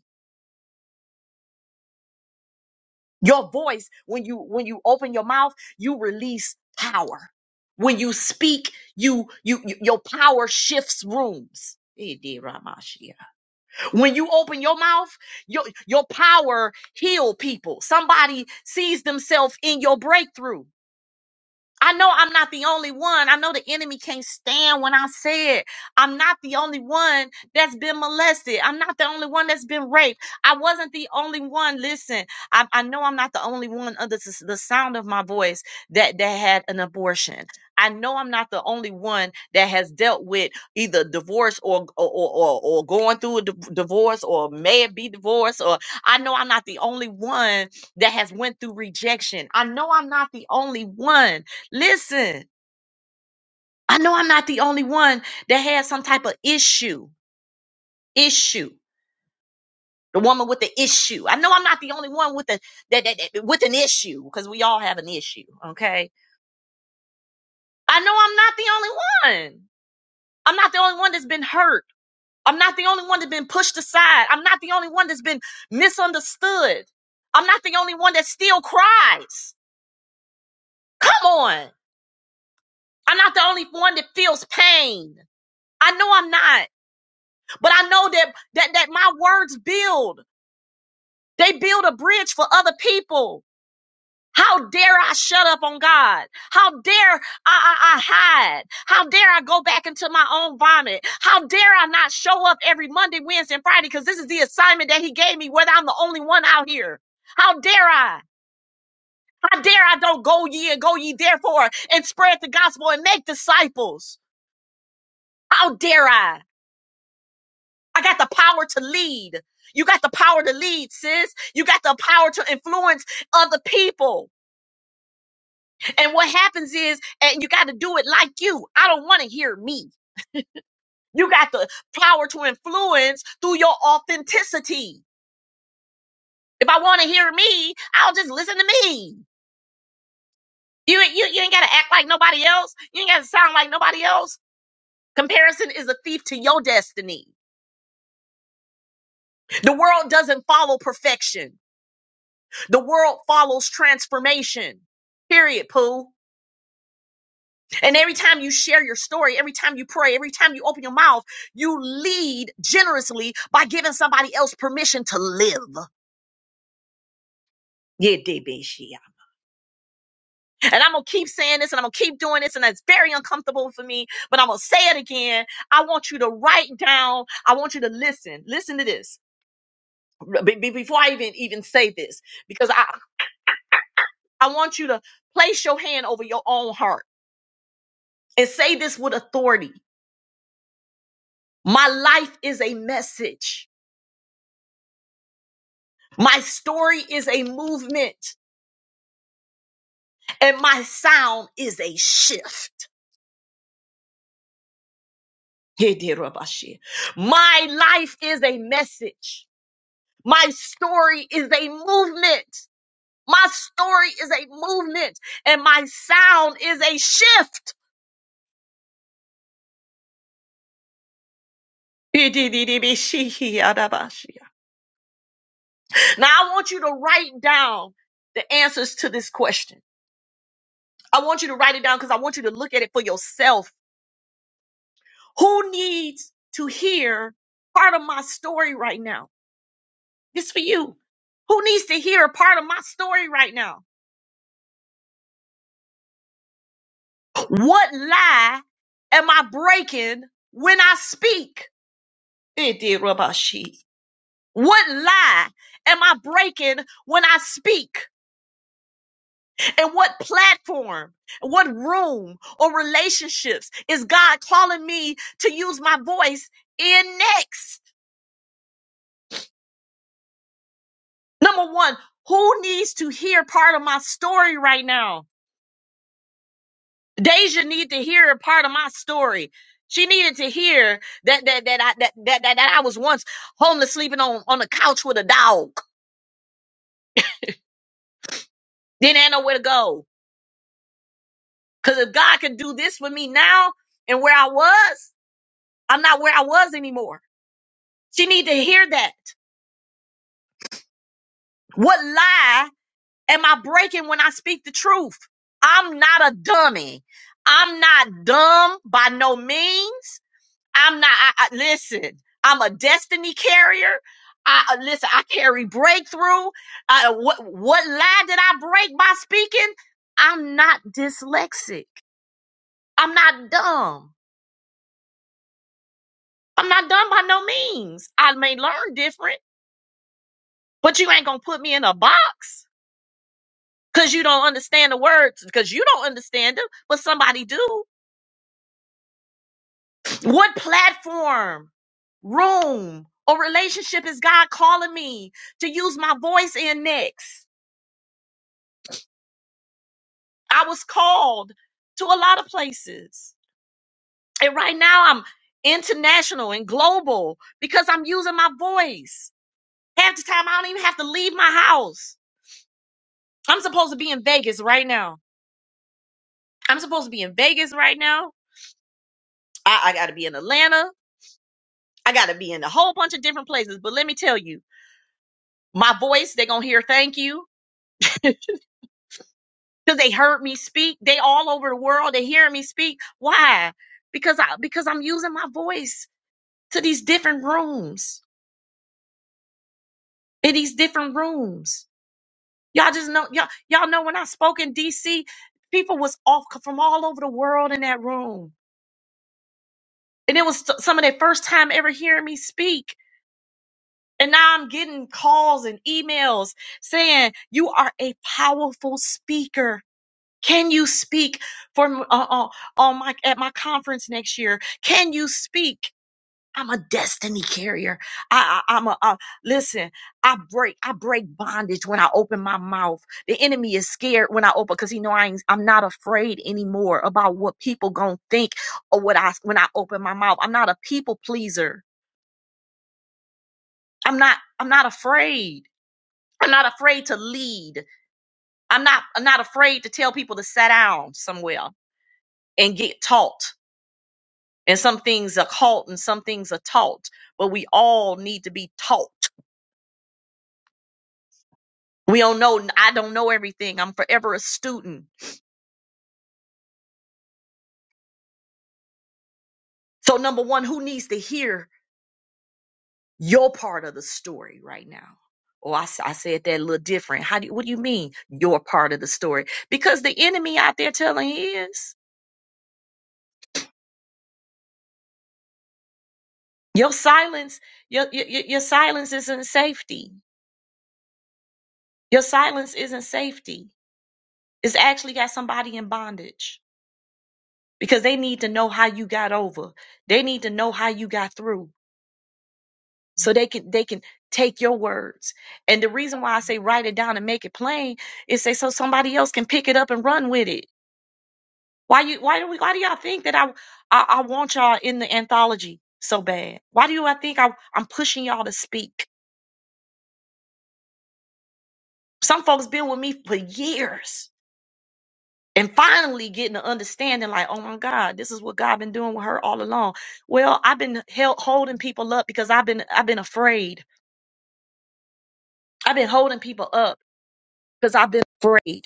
Speaker 1: Your voice, when you when you open your mouth, you release power. When you speak, you you, you- your power shifts rooms. Eh, de Ramashia. When you open your mouth, your your power heal people. Somebody sees themselves in your breakthrough. I know I'm not the only one. I know the enemy can't stand when I say it. I'm not the only one that's been molested. I'm not the only one that's been raped. I wasn't the only one. Listen, I, I know I'm not the only one under the, the sound of my voice that, that had an abortion. I know I'm not the only one that has dealt with either divorce or or, or, or going through a div- divorce or may it be divorced or I know I'm not the only one that has went through rejection. I know I'm not the only one Listen, I know I'm not the only one that had some type of issue. Issue. The woman with the issue. I know I'm not the only one with a that, that, that- with an issue because we all have an issue. Okay. I know I'm not the only one. I'm not the only one that's been hurt. I'm not the only one that's been pushed aside. I'm not the only one that's been misunderstood. I'm not the only one that still cries. Come on. I'm not the only one that feels pain. I know I'm not. But I know that that that my words build. They build a bridge for other people. How dare I shut up on God? How dare I, I, I hide? How dare I go back into my own vomit? How dare I not show up every Monday, Wednesday, and Friday? Because this is the assignment that He gave me, whether I'm the only one out here. How dare I? How dare I don't go ye and go ye therefore and spread the gospel and make disciples? How dare I? I got the power to lead. You got the power to lead, sis. You got the power to influence other people. And what happens is, and you got to do it like you. I don't want to hear me. You got the power to influence through your authenticity. If I want to hear me, I'll just listen to me. You, ain't- you, you ain't got to act like nobody else. You ain't got to sound like nobody else. Comparison is a thief to your destiny. The world doesn't follow perfection. The world follows transformation. Period, Pooh. And every time you share your story, every time you pray, every time you open your mouth, you lead generously by giving somebody else permission to live. Yeah, baby, she- And I'm going to keep saying this and I'm going to keep doing this. And that's very uncomfortable for me, but I'm going to say it again. I want you to write down. I want you to listen. Listen to this Be- be- before I even, even say this, because I, I want you to place your hand over your own heart and say this with authority. My life is a message. My story is a movement and my sound is a shift. Hidirabashi. My life is a message. My story is a movement. My story is a movement and my sound is a shift. Hidididibishihiyadabashi. Now I want you to write down the answers to this question. I want you to write it down because I want you to look at it for yourself. Who needs to hear part of my story right now? This for you. Who needs to hear a part of my story right now? What lie am I breaking when I speak? It did rub our sheet. What lie am I breaking when I speak? And what platform, what room or relationships is God calling me to use my voice in next? Number one, who needs to hear part of my story right now? Deja needed to hear a part of my story. She needed to hear that that that I that that, that, that I was once homeless sleeping on, on the couch with a dog. Didn't have nowhere to go. Cause if God could do this for me now and where I was, I'm not where I was anymore. She needed to hear that. What lie am I breaking when I speak the truth? I'm not a dummy. I'm not dumb by no means. I'm not. I, I, listen, I'm a destiny carrier. I uh, listen. I carry breakthrough. Uh, what what lie did I break by speaking? I'm not dyslexic. I'm not dumb. I'm not dumb by no means. I may learn different, but you ain't gonna put me in a box because you don't understand the words because you don't understand them, but somebody do. What platform, room, or relationship is God calling me to use my voice in next? I was called to a lot of places. And right now I'm international and global because I'm using my voice. Half the time I don't even have to leave my house. I'm supposed to be in Vegas right now. I'm supposed to be in Vegas right now. I, I gotta be in Atlanta. I gotta be in a whole bunch of different places. But let me tell you, my voice, they're gonna hear thank you. Cause they heard me speak. They all over the world. They hearing me speak. Why? Because I because I'm using my voice to these different rooms. in these different rooms. Y'all just know y'all y'all know when I spoke in DC, people was off from all over the world in that room, and it was some of their first time ever hearing me speak. And now I'm getting calls and emails saying you are a powerful speaker. Can you speak for uh, uh, on my at my conference next year? Can you speak? I'm a destiny carrier. I, I, I'm a, uh, listen, I break, I break bondage when I open my mouth. The enemy is scared when I open because he know I ain't, I'm not afraid anymore about what people gonna think or what I, when I open my mouth. I'm not a people pleaser. I'm not, I'm not afraid. I'm not afraid to lead. I'm not, I'm not afraid to tell people to sit down somewhere and get taught. And some things are caught and some things are taught, but we all need to be taught We don't know. I don't know everything. I'm forever a student. So, number one, who needs to hear your part of the story right now? Oh, I, s- I said that a little different. How do you, what do you mean your part of the story? Because the enemy out there telling is your silence. Your, your your your silence isn't safety. Your silence isn't safety. It's actually got somebody in bondage because they need to know how you got over. They need to know how you got through. so they can they can take your words and the reason why i say write it down and make it plain is say so somebody else can pick it up and run with it why you why do we why do y'all think that i i, I want y'all in the anthology so bad why do you i think I, i'm pushing y'all to speak some folks been with me for years and finally getting an understanding like oh my god this is what god been doing with her all along well i've been held, holding people up because i've been i've been afraid i've been holding people up because i've been afraid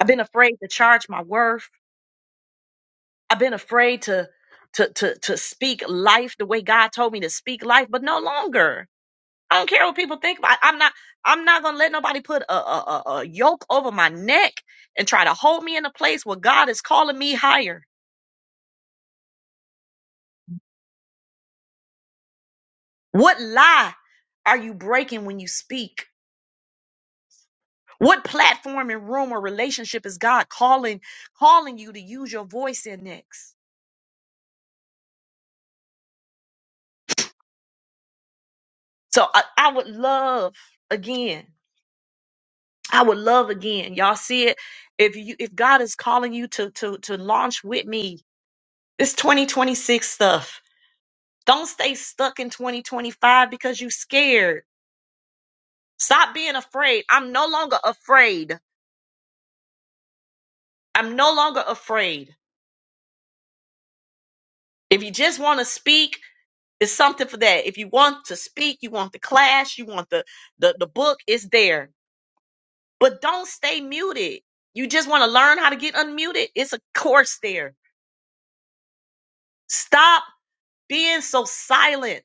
Speaker 1: I've been afraid to charge my worth. I've been afraid to to to to speak life the way God told me to speak life, but no longer. I don't care what people think about. I'm not I'm not gonna let nobody put a, a, a, a yoke over my neck and try to hold me in a place where God is calling me higher. What lie are you breaking when you speak? What platform and room or relationship is God calling calling you to use your voice in next? So I, I would love again I would love again. Y'all see it. If you if God is calling you to to to launch with me, this 2026 stuff. Don't stay stuck in 2025 because you scared. Stop being afraid. I'm no longer afraid. I'm no longer afraid. If you just want to speak, it's something for that. If you want to speak, you want the class, you want the the, the book, it's there. But don't stay muted. You just want to learn how to get unmuted. It's a course there. Stop being so silent.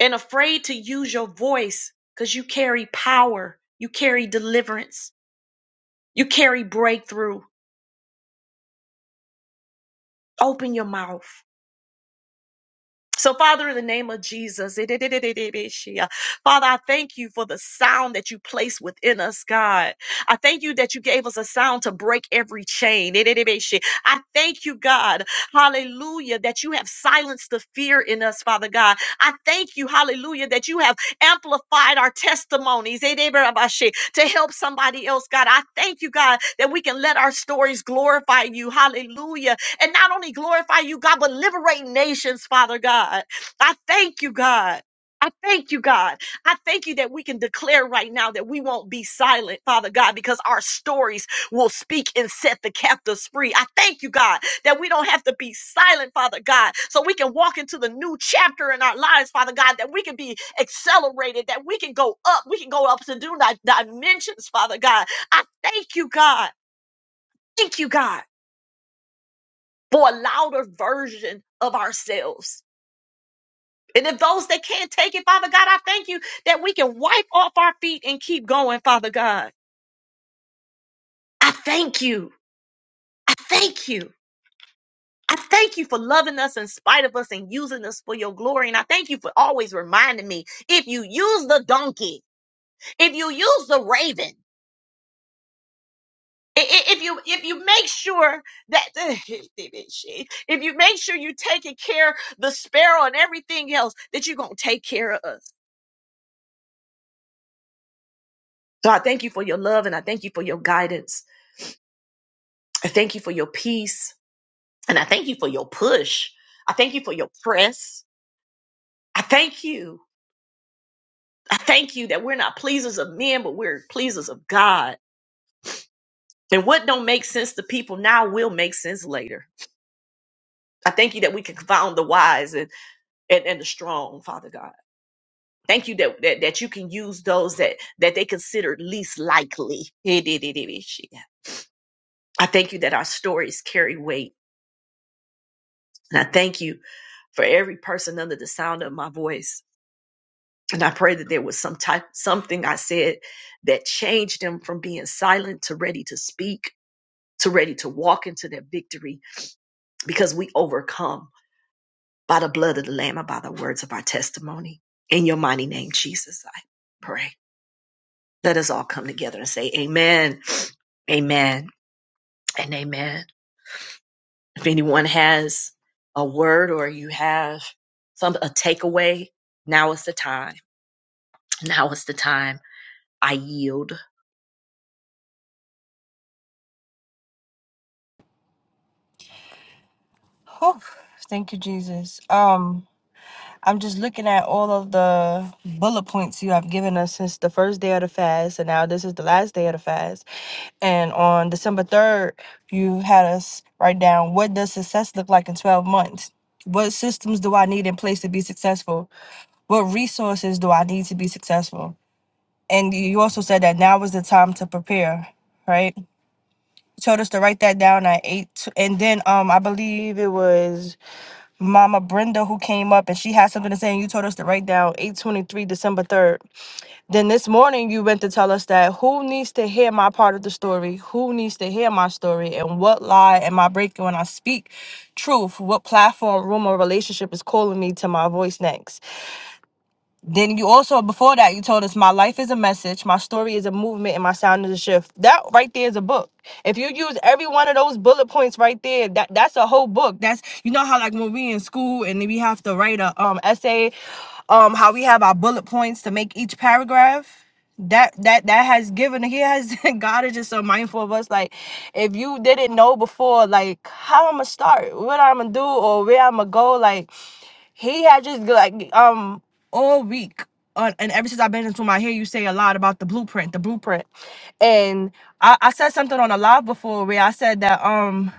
Speaker 1: and afraid to use your voice because you carry power, you carry deliverance, you carry breakthrough. Open your mouth. So, Father, in the name of Jesus, Father, I thank you for the sound that you place within us, God. I thank you that you gave us a sound to break every chain. I thank you, God, hallelujah, that you have silenced the fear in us, Father God. I thank you, hallelujah, that you have amplified our testimonies to help somebody else, God. I thank you, God, that we can let our stories glorify you, hallelujah and not only glorify you, God, but liberate nations, Father God. I thank you, God. I thank you, God. I thank you that we can declare right now that we won't be silent, Father God, because our stories will speak and set the captives free. I thank you, God, that we don't have to be silent, Father God, so we can walk into the new chapter in our lives, Father God, that we can be accelerated, that we can go up, we can go up to new di- dimensions, Father God. I thank you, God. Thank you, God for a louder version of ourselves. And if those that can't take it, Father God, I thank you that we can wipe off our feet and keep going, Father God. I thank you. I thank you. I thank you for loving us in spite of us and using us for your glory. And I thank you for always reminding me if you use the donkey, if you use the raven, i- i- if you if you make sure that if you make sure you're taking care of the sparrow and everything else, that you're gonna take care of us. So I thank you for your love and I thank you for your guidance. I thank you for your peace and I thank you for your push. I thank you for your press. I thank you. I thank you that we're not pleasers of men, but we're pleasers of God. And what don't make sense to people now will make sense later. I thank you that we can confound the wise and, and, and the strong, Father God. Thank you that, that, that you can use those that, that they consider least likely. I thank you that our stories carry weight. And I thank you for every person under the sound of my voice. And I pray that there was some type, something I said that changed them from being silent to ready to speak, to ready to walk into their victory, because we overcome by the blood of the Lamb and by the words of our testimony. In your mighty name, Jesus, I pray. Let us all come together and say, Amen, Amen, and Amen. If anyone has a word or you have some a takeaway, now is the time. Now is the time I yield.
Speaker 4: Oh, thank you, Jesus. Um, I'm just looking at all of the bullet points you have given us since the first day of the fast, and now this is the last day of the fast. And on December 3rd, you had us write down what does success look like in 12 months? What systems do I need in place to be successful? What resources do I need to be successful? And you also said that now is the time to prepare, right? You told us to write that down at eight, t- and then um, I believe it was Mama Brenda who came up and she had something to say and you told us to write down 823 December 3rd. Then this morning you went to tell us that who needs to hear my part of the story? Who needs to hear my story? And what lie am I breaking when I speak truth? What platform, room, or relationship is calling me to my voice next? Then you also before that you told us my life is a message, my story is a movement, and my sound is a shift. That right there is a book. If you use every one of those bullet points right there, that that's a whole book. That's you know how like when we in school and then we have to write a um essay, um how we have our bullet points to make each paragraph. That that that has given he has God is just so mindful of us. Like if you didn't know before, like how I'ma start, what I'ma do, or where I'ma go, like he had just like um all week on, and ever since I've been into my, I hear you say a lot about the blueprint, the blueprint, and I, I said something on a live before where I said that um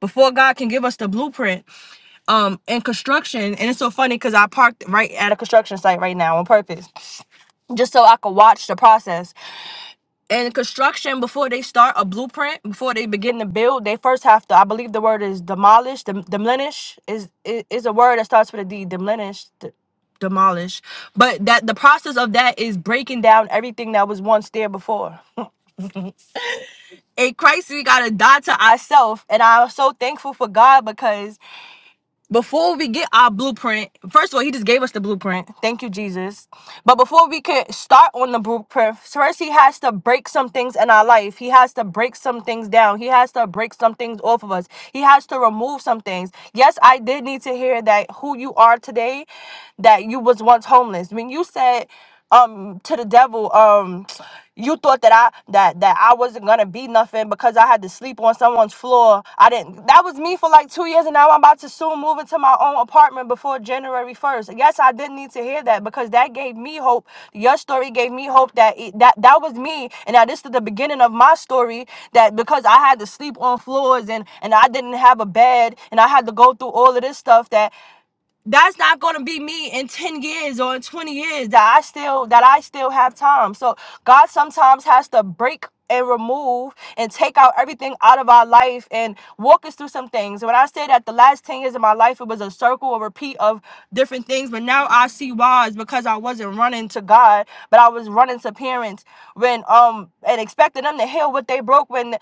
Speaker 4: before God can give us the blueprint um in construction, and it's so funny because I parked right at a construction site right now on purpose, just so I could watch the process in construction before they start a blueprint before they begin to build they first have to i believe the word is demolish dem- demolish is i- is a word that starts with a d demolish d- demolish but that the process of that is breaking down everything that was once there before in christ we gotta die to ourselves and i'm so thankful for god because before we get our blueprint, first of all, he just gave us the blueprint. Thank you, Jesus. But before we can start on the blueprint, first he has to break some things in our life. He has to break some things down. He has to break some things off of us. He has to remove some things. Yes, I did need to hear that who you are today, that you was once homeless. When you said um to the devil um you thought that i that that i wasn't gonna be nothing because i had to sleep on someone's floor i didn't that was me for like two years and now i'm about to soon move into my own apartment before january 1st yes i didn't need to hear that because that gave me hope your story gave me hope that it, that that was me and now this is the beginning of my story that because i had to sleep on floors and and i didn't have a bed and i had to go through all of this stuff that that's not going to be me in 10 years or in 20 years that i still that i still have time so god sometimes has to break and remove and take out everything out of our life and walk us through some things when i say that the last 10 years of my life it was a circle a repeat of different things but now i see why it's because i wasn't running to god but i was running to parents when um and expecting them to heal what they broke when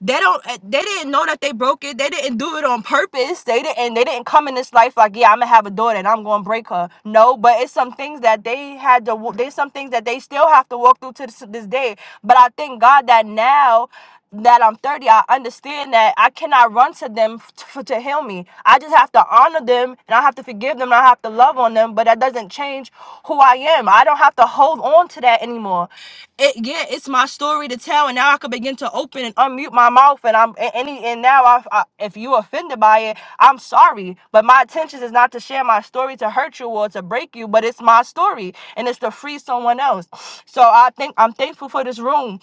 Speaker 4: they don't uh, they didn't know that they broke it they didn't do it on purpose they didn't they didn't come in this life like yeah i'm gonna have a daughter and i'm gonna break her no but it's some things that they had to wa- there's some things that they still have to walk through to this, this day but i thank god that now that i'm 30 i understand that i cannot run to them f- to, to heal me i just have to honor them and i have to forgive them and i have have to love on them, but that doesn't change who I am. I don't have to hold on to that anymore. It yeah, it's my story to tell, and now I can begin to open and unmute my mouth, and I'm and any and now I, I if you offended by it, I'm sorry, but my intention is not to share my story to hurt you or to break you, but it's my story, and it's to free someone else. So I think I'm thankful for this room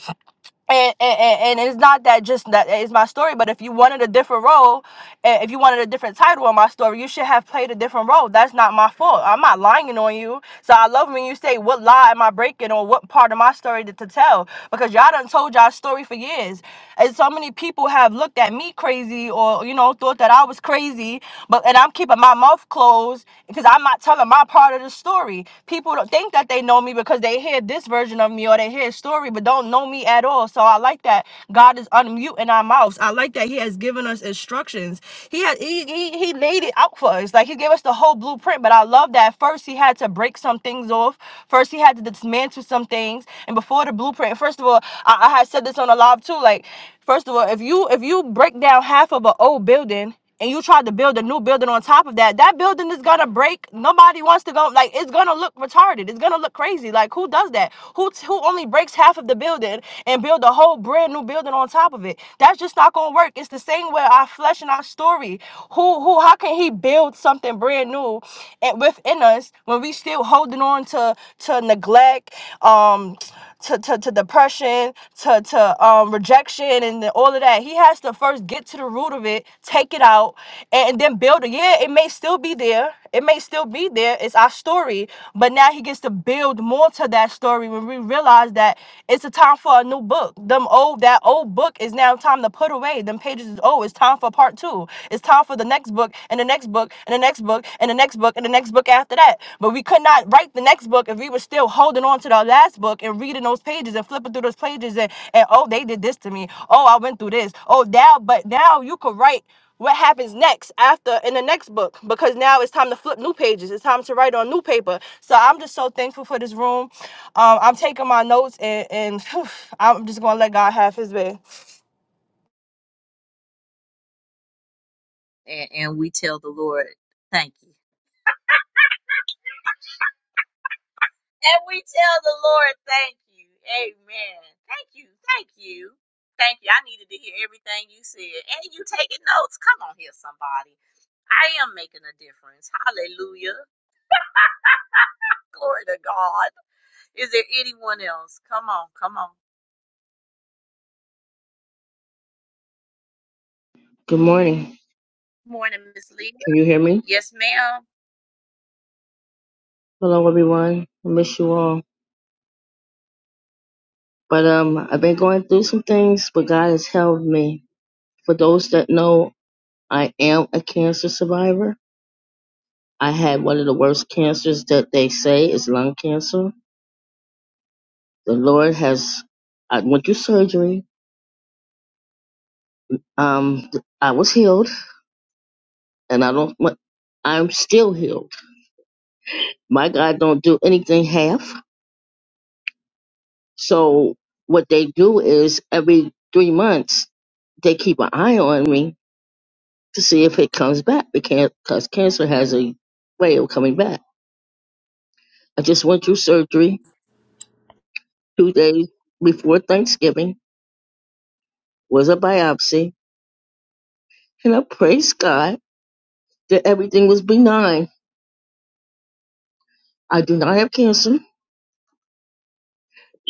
Speaker 4: and, and and it's not that just that it's my story but if you wanted a different role and if you wanted a different title on my story you should have played a different role that's not my fault i'm not lying on you so i love when you say what lie am i breaking or what part of my story to, to tell because y'all done told y'all story for years and so many people have looked at me crazy or you know thought that i was crazy but and i'm keeping my mouth closed because i'm not telling my part of of the story. People don't think that they know me because they hear this version of me or they hear a story, but don't know me at all. So I like that God is unmuting our mouths. I like that He has given us instructions. He had he, he He laid it out for us. Like He gave us the whole blueprint. But I love that first He had to break some things off. First He had to dismantle some things. And before the blueprint, first of all, I, I had said this on a live too. Like first of all, if you if you break down half of an old building and you tried to build a new building on top of that, that building is gonna break. Nobody wants to go. Like it's gonna look retarded. It's gonna look crazy. Like who does that? Who who only breaks half of the building and build a whole brand new building on top of it? That's just not gonna work. It's the same with our flesh and our story. Who who? How can he build something brand new and within us when we still holding on to to neglect? Um to, to, to depression, to, to um, rejection, and the- all of that. He has to first get to the root of it, take it out, and, and then build it. Yeah, it may still be there. It may still be there. It's our story. But now he gets to build more to that story when we realize that it's a time for a new book. Them old that old book is now time to put away. Them pages is oh, it's time for part two. It's time for the next book and the next book and the next book next book and the next book and the next book after that. But we could not write the next book if we were still holding on to the last book and reading those pages and flipping through those pages and, and oh, they did this to me. Oh, I went through this. Oh, now, but now you could write what happens next after in the next book because now it's time to flip new pages it's time to write on new paper so i'm just so thankful for this room um, i'm taking my notes and, and i'm just gonna let god have his way
Speaker 1: And, and we tell the Lord, thank you. And we tell the Lord, thank you. Amen. Thank you. Thank you. Thank you. I needed to hear everything you said. And you taking notes. Come on here, somebody. I am making a difference. Hallelujah. Glory to God. Is there anyone else? Come on, come on.
Speaker 5: Good morning.
Speaker 1: Morning, Miss Leah.
Speaker 5: Can you hear me?
Speaker 1: Yes, ma'am.
Speaker 5: Hello, everyone. I miss you all. But um, I've been going through some things, but God has helped me. For those that know, I am a cancer survivor. I had one of the worst cancers that they say is lung cancer. The Lord has. I went through surgery. Um, I was healed, and I don't. I'm still healed. My God don't do anything half. So what they do is every three months they keep an eye on me to see if it comes back because cancer has a way of coming back. I just went through surgery two days before Thanksgiving, was a biopsy, and I praise God that everything was benign. I do not have cancer.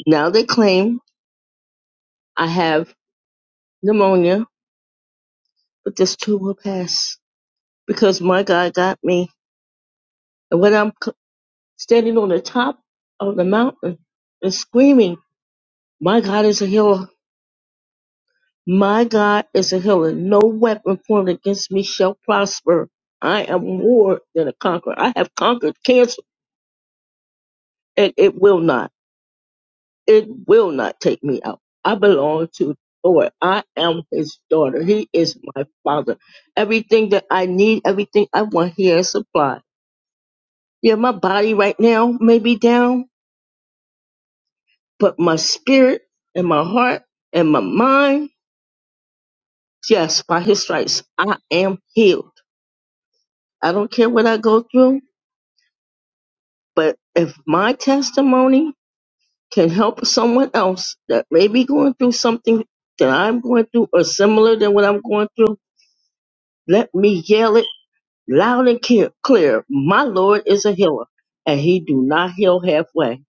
Speaker 5: Now they claim I have pneumonia, but this too will pass because my God got me. And when I'm c- standing on the top of the mountain and screaming, My God is a healer My God is a healer. No weapon formed against me shall prosper. I am more than a conqueror. I have conquered cancer, and it will not. It will not take me out. I belong to the Lord. I am his daughter. He is my father. Everything that I need, everything I want, he has supplied. Yeah, my body right now may be down, but my spirit and my heart and my mind, yes, by his stripes, I am healed. I don't care what I go through. But if my testimony can help someone else that may be going through something that I'm going through or similar than what I'm going through, let me yell it loud and clear. clear. My Lord is a healer, and he do not heal halfway.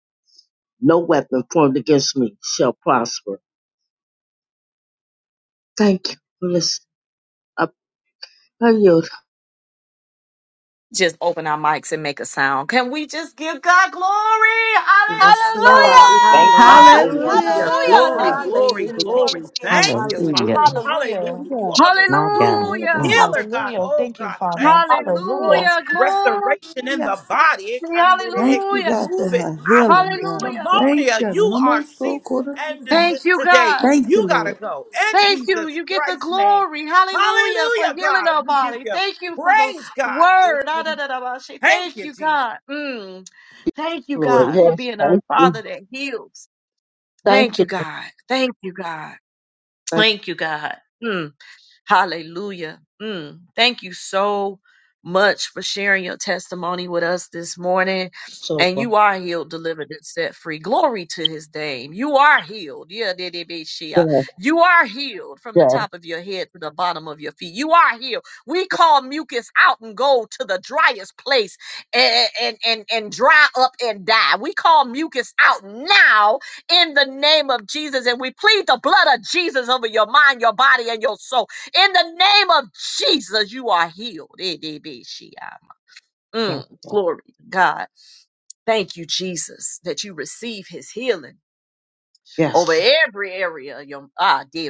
Speaker 5: No weapon formed against me shall prosper. Thank you for listening. I pray you,
Speaker 1: Just open our mics and make a sound. Can we just give God glory?
Speaker 6: Yes,
Speaker 1: Hallelujah.
Speaker 6: Lord.
Speaker 7: God, we thank you.
Speaker 4: Hallelujah!
Speaker 6: Hallelujah,
Speaker 8: Hallelujah.
Speaker 6: Jesus.
Speaker 4: Hallelujah!
Speaker 8: Glory,
Speaker 4: Thank
Speaker 9: Hallelujah.
Speaker 4: you,
Speaker 8: glory,
Speaker 4: Jesus.
Speaker 6: Hallelujah.
Speaker 4: Glory
Speaker 8: glory.
Speaker 4: to your name.
Speaker 8: Thank you,
Speaker 10: Hallelujah.
Speaker 8: Father.
Speaker 6: Hallelujah.
Speaker 4: Hallelujah.
Speaker 8: Hallelujah. You
Speaker 3: Yeah.
Speaker 8: are the
Speaker 10: My
Speaker 8: true
Speaker 10: God.
Speaker 1: Hallelujah.
Speaker 10: Mm.
Speaker 3: Hallelujah.
Speaker 8: healer, God.
Speaker 4: Hallelujah.
Speaker 8: Oh,
Speaker 4: Thank you,
Speaker 8: God.
Speaker 4: Father.
Speaker 8: Thank you for full
Speaker 4: Hallelujah.
Speaker 1: Hallelujah. Glory.
Speaker 8: restoration in
Speaker 9: Yes.
Speaker 8: the body. Kandere.
Speaker 9: Thank you,
Speaker 1: Hallelujah.
Speaker 9: God, for
Speaker 8: Move it,
Speaker 9: her healing,
Speaker 8: operate.
Speaker 9: God.
Speaker 1: Hallelujah.
Speaker 9: Thank
Speaker 8: Pneumonia,
Speaker 9: you. And
Speaker 8: you
Speaker 9: I'm
Speaker 8: are
Speaker 9: all so
Speaker 8: cease
Speaker 9: caught up in
Speaker 8: and
Speaker 9: that.
Speaker 1: Thank
Speaker 8: desist
Speaker 1: you,
Speaker 8: today.
Speaker 1: God.
Speaker 9: Thank you,
Speaker 8: You got to
Speaker 9: Lord.
Speaker 8: go. In
Speaker 1: Thank you.
Speaker 8: Jesus
Speaker 1: You get the
Speaker 8: Christ's name.
Speaker 1: glory. Hallelujah. For
Speaker 8: Hallelujah,
Speaker 1: healing
Speaker 8: God.
Speaker 1: our
Speaker 8: We give
Speaker 1: body.
Speaker 8: you
Speaker 1: Thank you for the
Speaker 8: praise, God. It
Speaker 1: word. Ah, da,
Speaker 8: can-
Speaker 1: da, da, ba, shi.
Speaker 8: Thank
Speaker 1: Thank
Speaker 8: you,
Speaker 1: you,
Speaker 8: Jesus.
Speaker 1: God. Mm. Thank you,
Speaker 5: Lord.
Speaker 1: God, for
Speaker 5: Yes,
Speaker 1: being a
Speaker 5: thank you.
Speaker 1: father that heals. Thank
Speaker 5: Thank you.
Speaker 1: you, God. Thank you, God.
Speaker 5: Thank you
Speaker 1: Thank you, God. Mm. Mm, thank you so much for sharing your testimony with us this morning.
Speaker 5: so
Speaker 1: And
Speaker 5: much.
Speaker 1: you are healed, delivered, and set free. Glory to his name. You are healed. Yeah, did it be Shia.
Speaker 5: Yes,
Speaker 1: You
Speaker 5: yes,
Speaker 1: are healed. We can mucus out and go to the driest place and, and, and, and dry up and die. We call mucus out now in the name of Jesus. And we plead the blood of Jesus over your mind, your body, and your soul. In the name of Jesus, you are healed. It did be Shia.
Speaker 5: yes, yes,
Speaker 1: Mm, glory to God. Thank you, Jesus, that you receive his healing over
Speaker 5: yes,
Speaker 1: every area of your ah de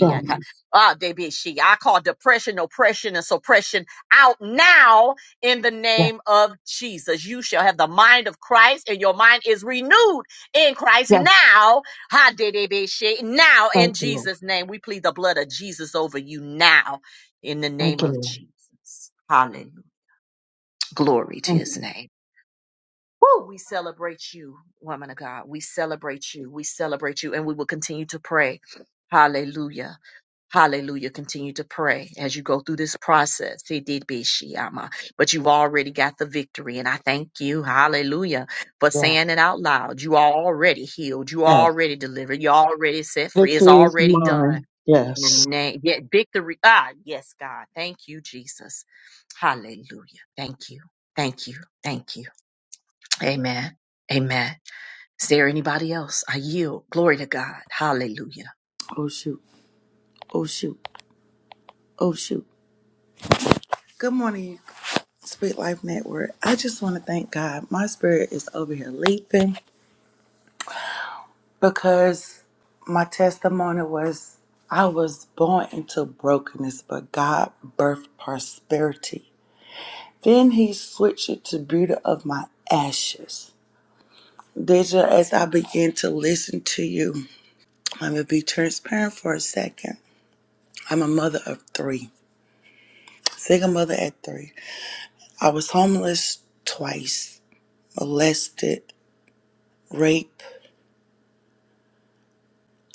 Speaker 5: yes,
Speaker 1: Ah debishi. I call depression, oppression, and suppression out now in the
Speaker 5: yes.
Speaker 1: name of Jesus. You shall have the mind of Christ, and your mind is renewed in Christ
Speaker 5: yes.
Speaker 1: now. Ha de debishi. Now in
Speaker 5: Thank you, Lord.
Speaker 1: Jesus' name. We plead the blood of Jesus over you now in the name
Speaker 5: Thank you,
Speaker 1: of
Speaker 5: Lord.
Speaker 1: Jesus. Hallelujah. Glory to
Speaker 5: Thank
Speaker 1: his
Speaker 5: you.
Speaker 1: name. Woo, we celebrate you, woman of God. We celebrate you. We celebrate you. And we will continue to pray. Hallelujah. Hallelujah. Continue to pray as you go through this process. He did be she, But you've already got the victory. And I thank you, hallelujah, for
Speaker 5: Yes,
Speaker 1: saying it out loud. You are already healed. You are
Speaker 5: yes.
Speaker 1: already delivered. You're already set free. It's
Speaker 5: Victory is
Speaker 1: already done.
Speaker 5: mine.
Speaker 1: In the
Speaker 5: Yes.
Speaker 1: name- Yet victory. Ah, yes, God. Thank you, Jesus. Hallelujah. Thank you. Thank you. Thank you. Amen. Amen. Is there anybody else? I yield. Glory to God. Hallelujah.
Speaker 9: Oh, shoot. Oh, shoot. Oh, shoot. Good morning, Sweet Life Network. I just want to thank God. My spirit is over here leaping because my testimony was I was born into brokenness, but God birthed prosperity. Then He switched it to beauty of my ashes. Deja, as I begin to listen to you, I'm going to be transparent for a second. I'm a mother of three, single mother at three. I was homeless twice, molested, raped,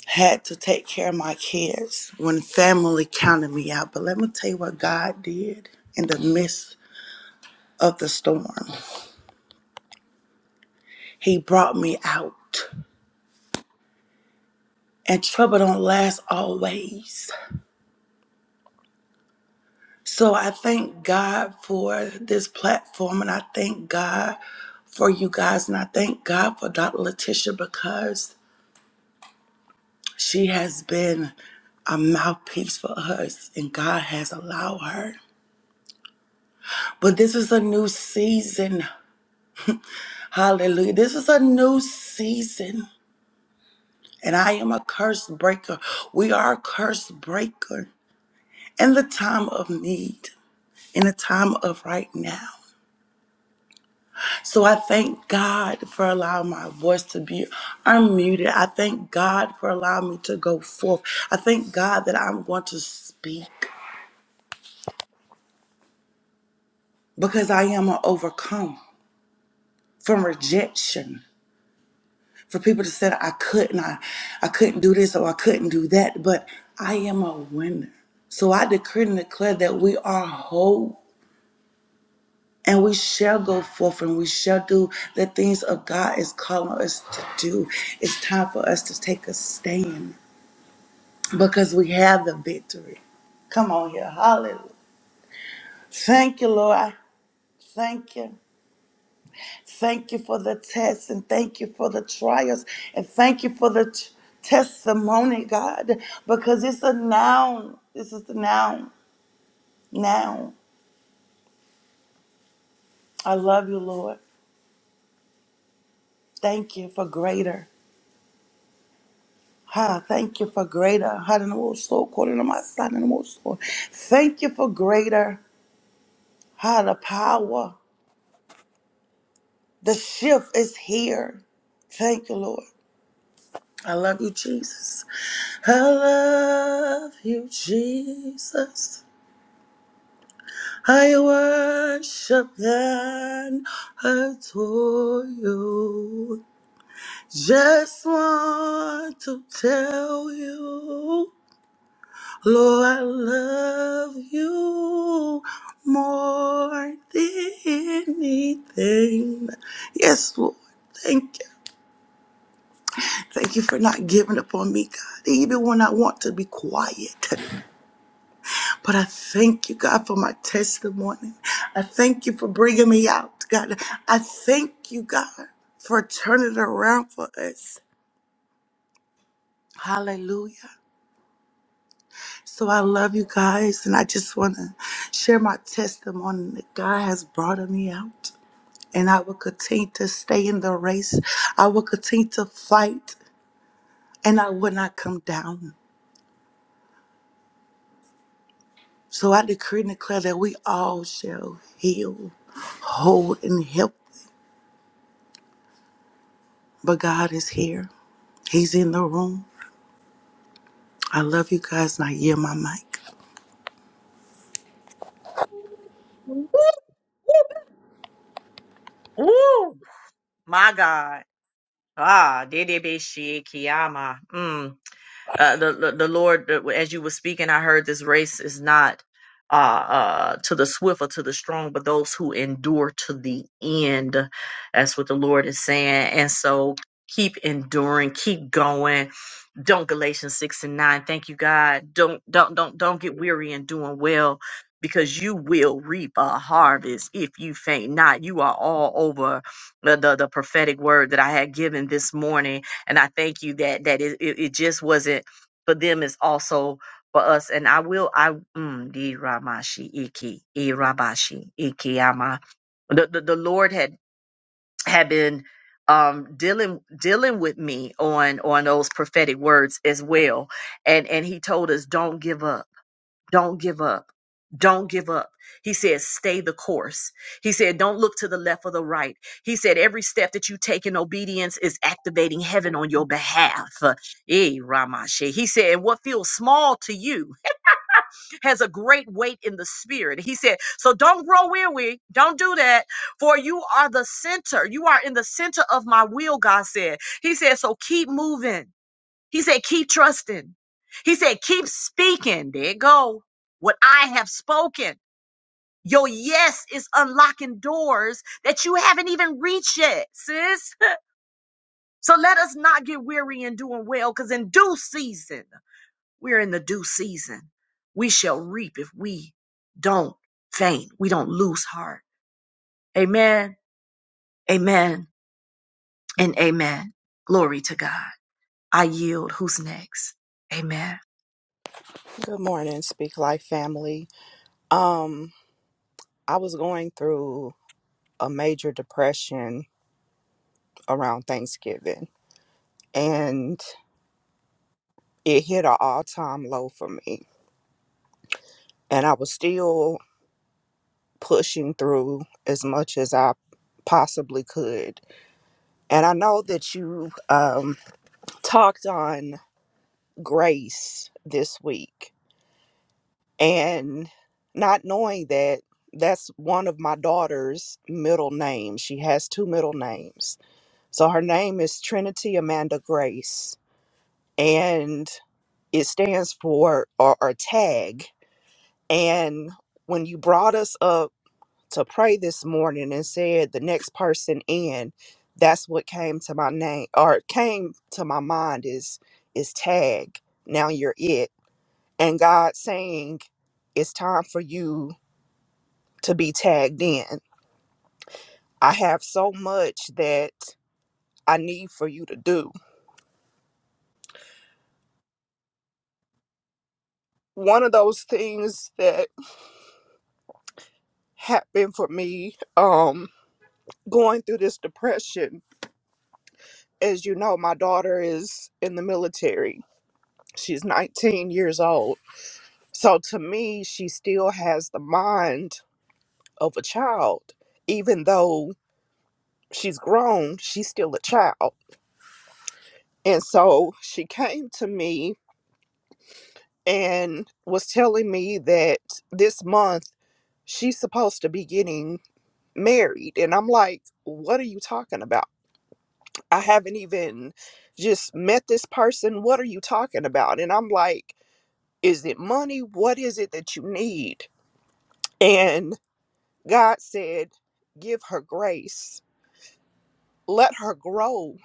Speaker 9: had to take care of my kids when family counted me out. But let me tell you what God did in the midst of the storm. He brought me out. And trouble don't last always. So I thank God for this platform and I thank God for you guys and I thank God for Dr. Letitia because she has been a mouthpiece for us and God has allowed her. But this is a new season. Hallelujah. This is a new season. And I am a curse breaker. We are a curse breaker in the time of need, in the time of right now. So I thank God for allowing my voice to be unmuted. I thank God for allowing me to go forth. I thank God that I'm going to speak because I am an overcome from rejection. For people to say that I couldn't, I, I couldn't do this or I couldn't do that, but I am a winner. So I decree and declare that we are whole and we shall go forth and we shall do the things of God is calling us to do. It's time for us to take a stand. because we have the victory. Come on here. Hallelujah. Thank you, Lord. I Thank you. Thank you for the tests and thank you for the trials and thank you for the t- testimony, God, because it's a noun. This is the noun. Now, I love you, Lord. Thank you for greater. Ha, thank you for greater. Ha, and I'm so according to my son and I'm so- Thank you for greater. Ha, the power. The shift is here. Thank you, Lord. I love you, Jesus. I love you, Jesus. I worship and adore you. Just want to tell you, Lord, I love you more than anything. Yes, Lord, thank you. Thank you for not giving up on me, God, even when I want to be quiet. But I thank you, God, for my testimony. I thank you for bringing me out, God. I thank you, God, for turning it around for us. Hallelujah. So I love you guys, and I just want to share my testimony that God has brought me out, and I will continue to stay in the race. I will continue to fight, and I will not come down. So I decree and declare that we all shall heal, hold, and help. But God is here. He's in the room. I love you guys. Not hear my mic.
Speaker 1: Woo! woo, My God. Ah, Dedebeshi Kiyama. Mm. Uh, the, the the Lord, uh, as you were speaking, I heard this race is not uh, uh, to the swift or to the strong, but those who endure to the end. That's what the Lord is saying. And so keep enduring, keep going don't galatians 6 and 9 thank you god don't don't don't don't get weary in doing well because you will reap a harvest if you faint not you are all over the, the, the prophetic word that i had given this morning and i thank you that that it, it, it just wasn't for them it's also for us and i will i mm, di ramashi iki i rabashi iki ama the, the, the lord had have been um dealing dealing with me on on those prophetic words as well and and he told us don't give up don't give up don't give up he said stay the course he said don't look to the left or the right he said every step that you take in obedience is activating heaven on your behalf Eh, ramashe he said and what feels small to you has a great weight in the spirit. He said, So don't grow weary. Don't do that. For you are the center. You are in the center of my will, God said. He said, So keep moving. He said, Keep trusting. He said, Keep speaking. There it go. What I have spoken. Your yes is unlocking doors that you haven't even reached yet, sis. So let us not get weary in doing well, because in due season. We're in the due season. We shall reap if we don't faint. We don't lose heart. Amen. Amen. And amen. Glory to God. I yield. Who's next? Amen.
Speaker 2: Good morning, Speak Life family. Um, I was going through a major depression around Thanksgiving and it hit an all-time low for me. And I was still pushing through as much as I. possibly could. And I know that you um, talked on grace this week, and not knowing that that's one of my daughter's middle names. She has two middle names. So her name is Trinity Amanda Grace, and it stands for or, or tag. And when you brought us up to pray this morning and said the next person in that's what came to my name or came to my mind is is tag now you're it and god saying it's time for you to be tagged in i have so much that i need for you to do one of those things that happened for me um going through this depression as you know my daughter is in the military she's 19 years old So to me, she still has the mind of a child. Even though she's grown, she's still a child. And so she came to me and was telling me that this month she's supposed to be getting married. And I'm like, what are you talking about? I haven't even just met this person. What are you talking about? And I'm like, is it money? What is it that you need? And God said, give her grace let her grow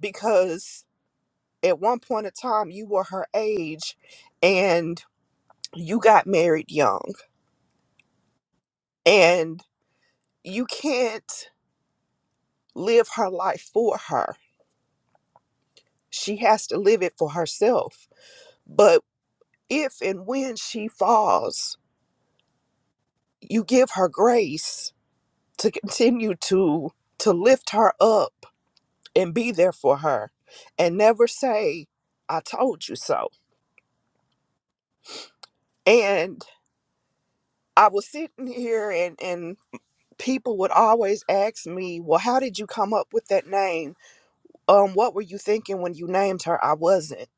Speaker 2: because at one point in time you were her age and you got married young and you can't live her life for her she has to live it for herself but if and when she falls you give her grace to continue to to lift her up and be there for her and never say i told you so and i was sitting here and and people would always ask me, "Well, how did you come up with that name? Um, what were you thinking when you named her?" I wasn't.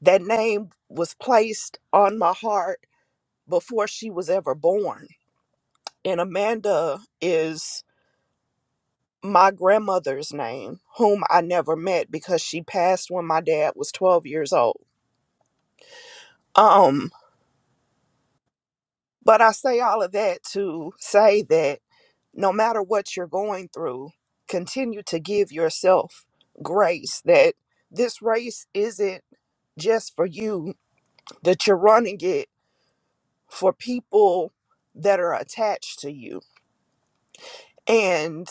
Speaker 2: That name was placed on my heart before she was ever born. And Amanda is my grandmother's name, whom I never met because she passed when my dad was 12 years old. Um, but I say all of that to say that no matter what you're going through, continue to give yourself grace that this race isn't just for you, that you're running it for people that are attached to you. And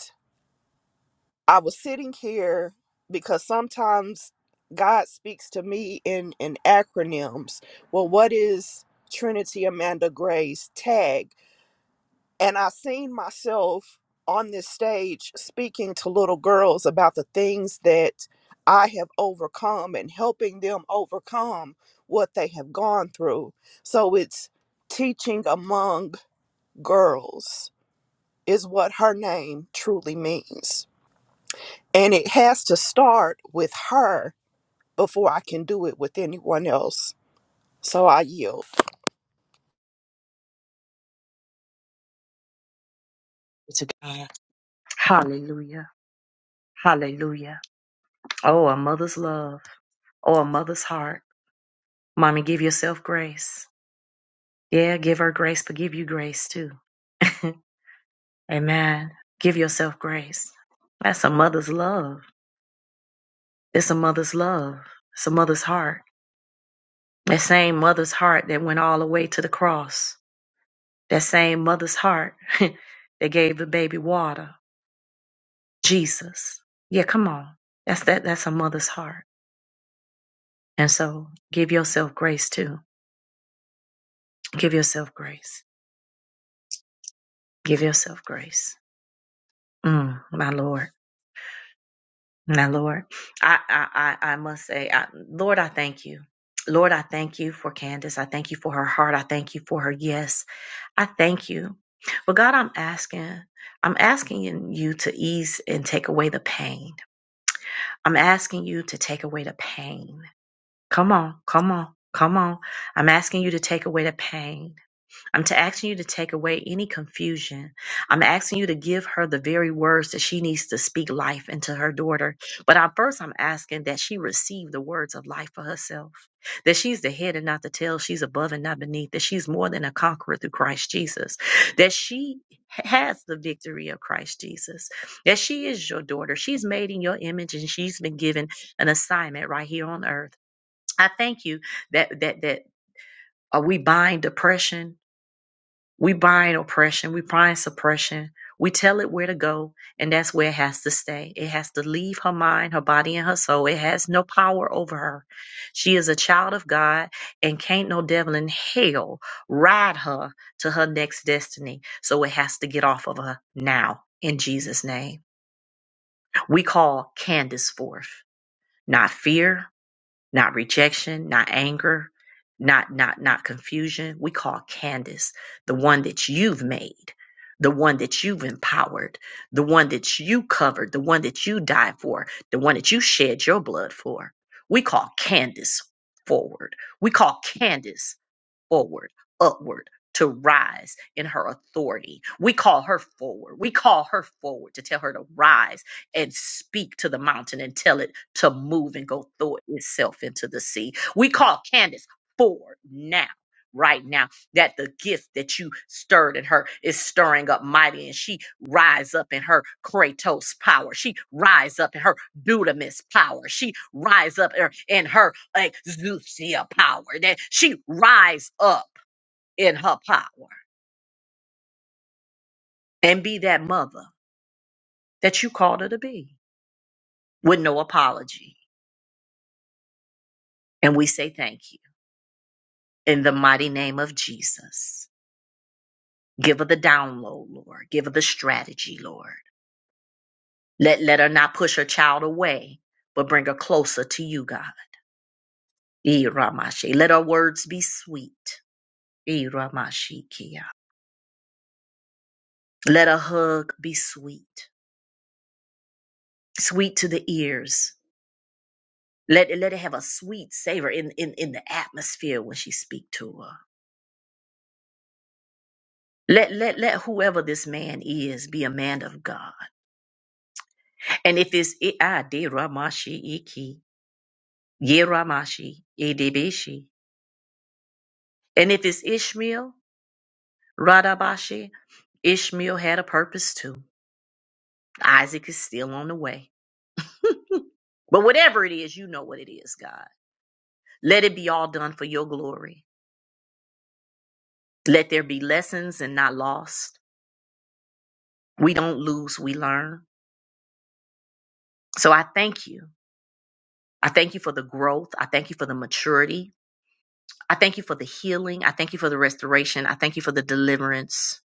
Speaker 2: I was sitting here because sometimes God speaks to me in, in acronyms. Well, what is Trinity Amanda Grace? TAG And I seen myself on this stage speaking to little girls about the things that I have overcome and helping them overcome what they have gone through. So it's teaching among girls is what her name truly means. And it has to start with her before I can do it with anyone else. So I yield.
Speaker 1: To God. Hallelujah. Hallelujah. Oh, a mother's love. Oh, a mother's heart. Mommy, give yourself grace. Yeah, give her grace, but give you grace too. Amen. Give yourself grace. That's a mother's love. It's a mother's love. It's a mother's heart. That same mother's heart that went all the way to the cross. That same mother's heart that gave the baby water. Jesus. Yeah, come on. That's that that's a mother's heart. And so give yourself grace too. Give yourself grace. Give yourself grace. Mm, my Lord. My Lord. I I I, I must say, I, Lord, I thank you. Lord, I thank you for Candace. I thank you for her heart. I thank you for her yes. I thank you. But God, I'm asking, I'm asking you to ease and take away the pain. I'm asking you to take away the pain. Come on, come on, come on. I'm asking you to take away the pain. I'm to asking you to take away any confusion. I'm asking you to give her the very words that she needs to speak life into her daughter. But I, first, I'm asking that she receive the words of life for herself. That she's the head and not the tail. She's above and not beneath. That she's more than a conqueror through Christ Jesus. That she has the victory of Christ Jesus. That she is your daughter. She's made in your image and she's been given an assignment right here on earth. I thank you that that that uh, we bind depression we bind oppression, we bind suppression. We tell it where to go, and that's where it has to stay. It has to leave her mind, her body, and her soul. It has no power over her. She is a child of God, and can't no devil in hell ride her to her next destiny. So it has to get off of her now, in Jesus' name. We call Candace forth, not fear, not rejection, not anger, not not not confusion. We call Candace the one that you've made, the one that you've empowered, the one that you covered, the one that you died for, the one that you shed your blood for. We call Candace forward. We call Candace forward, upward, to rise in her authority. We call her forward. We call her forward to tell her to rise and speak to the mountain and tell it to move and go throw itself into the sea. We call Candace forward now. Right now that the gift that you stirred in her is stirring up mighty and she rise up in her kratos power she rise up in her dudamis power she rise up in her, in her exousia power that she rise up in her power and be that mother that you called her to be with no apology and we say thank you in the mighty name of jesus give her the download lord give her the strategy lord Let, let her not push her child away, but bring her closer to you, God. Iramashi. Let her words be sweet. Eh, Ramashi Let a hug be sweet, sweet to the ears. Let, let it have a sweet savor in, in, in the atmosphere when she speak to her. Let, let, let whoever this man is be a man of God. And if it's I did Ramashi Iki, Ye Ramashi, And if it's Ishmael, Radabashi, Ishmael had a purpose too. Isaac is still on the way. But whatever it is, you know what it is, God. Let it be all done for your glory. Let there be lessons and not lost. We don't lose, we learn. So I thank you. I thank you for the growth. I thank you for the maturity. I thank you for the healing. I thank you for the restoration. I thank you for the deliverance.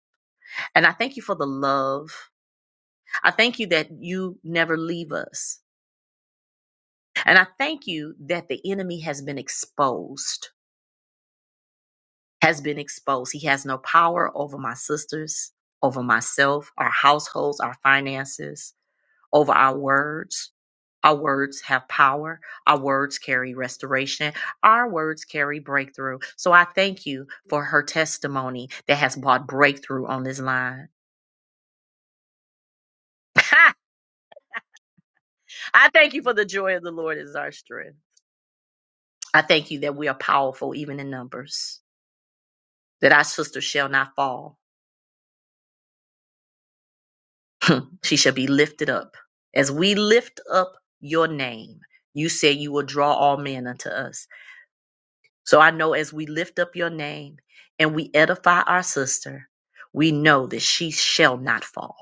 Speaker 1: And I thank you for the love. I thank you that you never leave us. And I thank you that the enemy has been exposed, has been exposed. He has no power over my sisters, over myself, our households, our finances, over our words. Our words have power. Our words carry restoration. Our words carry breakthrough. So I thank you for her testimony that has brought breakthrough on this line. I thank you for the joy of the Lord is our strength. I thank you that we are powerful even in numbers, that our sister shall not fall, she shall be lifted up. As we lift up your name, you say you will draw all men unto us. So I know as we lift up your name and we edify our sister, we know that she shall not fall.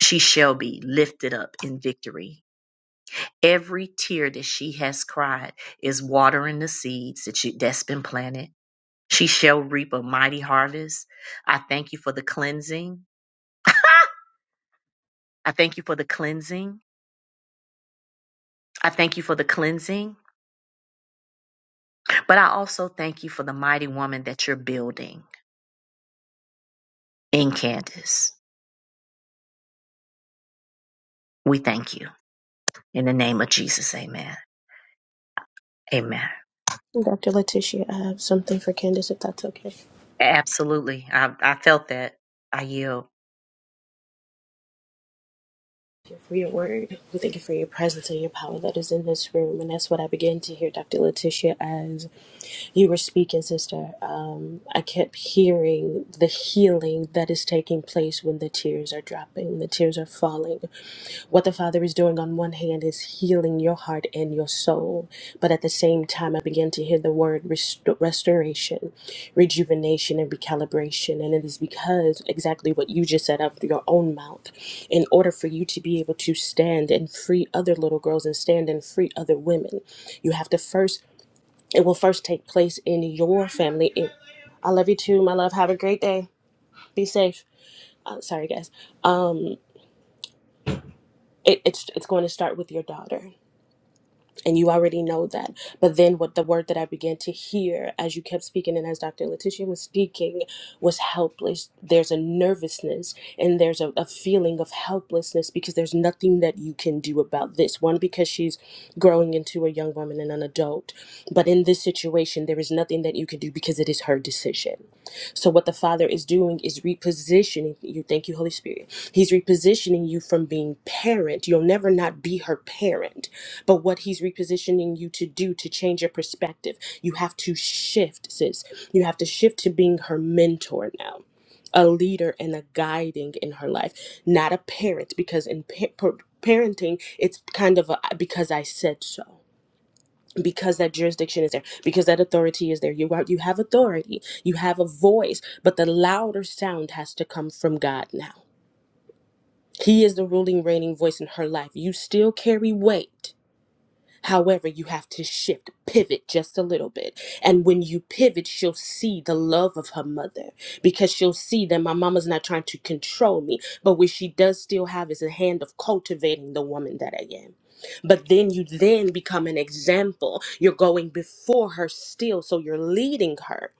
Speaker 1: She shall be lifted up in victory. Every tear that she has cried is watering the seeds that she, that's been planted. She shall reap a mighty harvest. I thank you for the cleansing. I thank you for the cleansing. I thank you for the cleansing. But I also thank you for the mighty woman that you're building in Candace. We thank you. In the name of Jesus, amen. Amen.
Speaker 6: Dr. Letitia, I have something for Candace, if that's okay.
Speaker 1: Absolutely. I, I felt that. I yield.
Speaker 6: Thank you for your word. We thank you for your presence and your power that is in this room. And that's what I began to hear, Dr. Letitia, as you were speaking, sister. Um, I kept hearing the healing that is taking place when the tears are dropping, the tears are falling. What the Father is doing on one hand is healing. your heart and your soul. But at the same time, I began to hear the word rest- restoration, rejuvenation, and recalibration. And it is because exactly what you just said out of your own mouth. In order for you to be able to stand and free other little girls and stand and free other women, you have to first, it will first take place in your family. It- I love you too, my love. Have a great day. Be safe. Uh, sorry, guys. It, it's, it's going to start with your daughter and you already know that but then what the word that i began to hear as you kept speaking and as dr letitia was speaking was helpless there's a nervousness and there's a, a feeling of helplessness because there's nothing that you can do about this one because she's growing into a young woman and an adult but in this situation there is nothing that you can do because it is her decision so what the Father is doing is repositioning you. Thank you, Holy Spirit. He's repositioning you from being parent. You'll never not be her parent. But what he's repositioning you to do to change your perspective, you have to shift, sis. You have to shift to being her mentor now. A leader and a guiding in her life, not a parent, because in pa- par- parenting, it's kind of a because I said so because that jurisdiction is there because that authority is there you are, you have authority you have a voice but the louder sound has to come from God now he is the ruling reigning voice in her life you still carry weight However, you have to shift, pivot just a little bit. And when you pivot, she'll see the love of her mother because she'll see that my mama's not trying to control me. But what she does still have is a hand of cultivating the woman that I am. But then you then become an example. You're going before her still. So you're leading her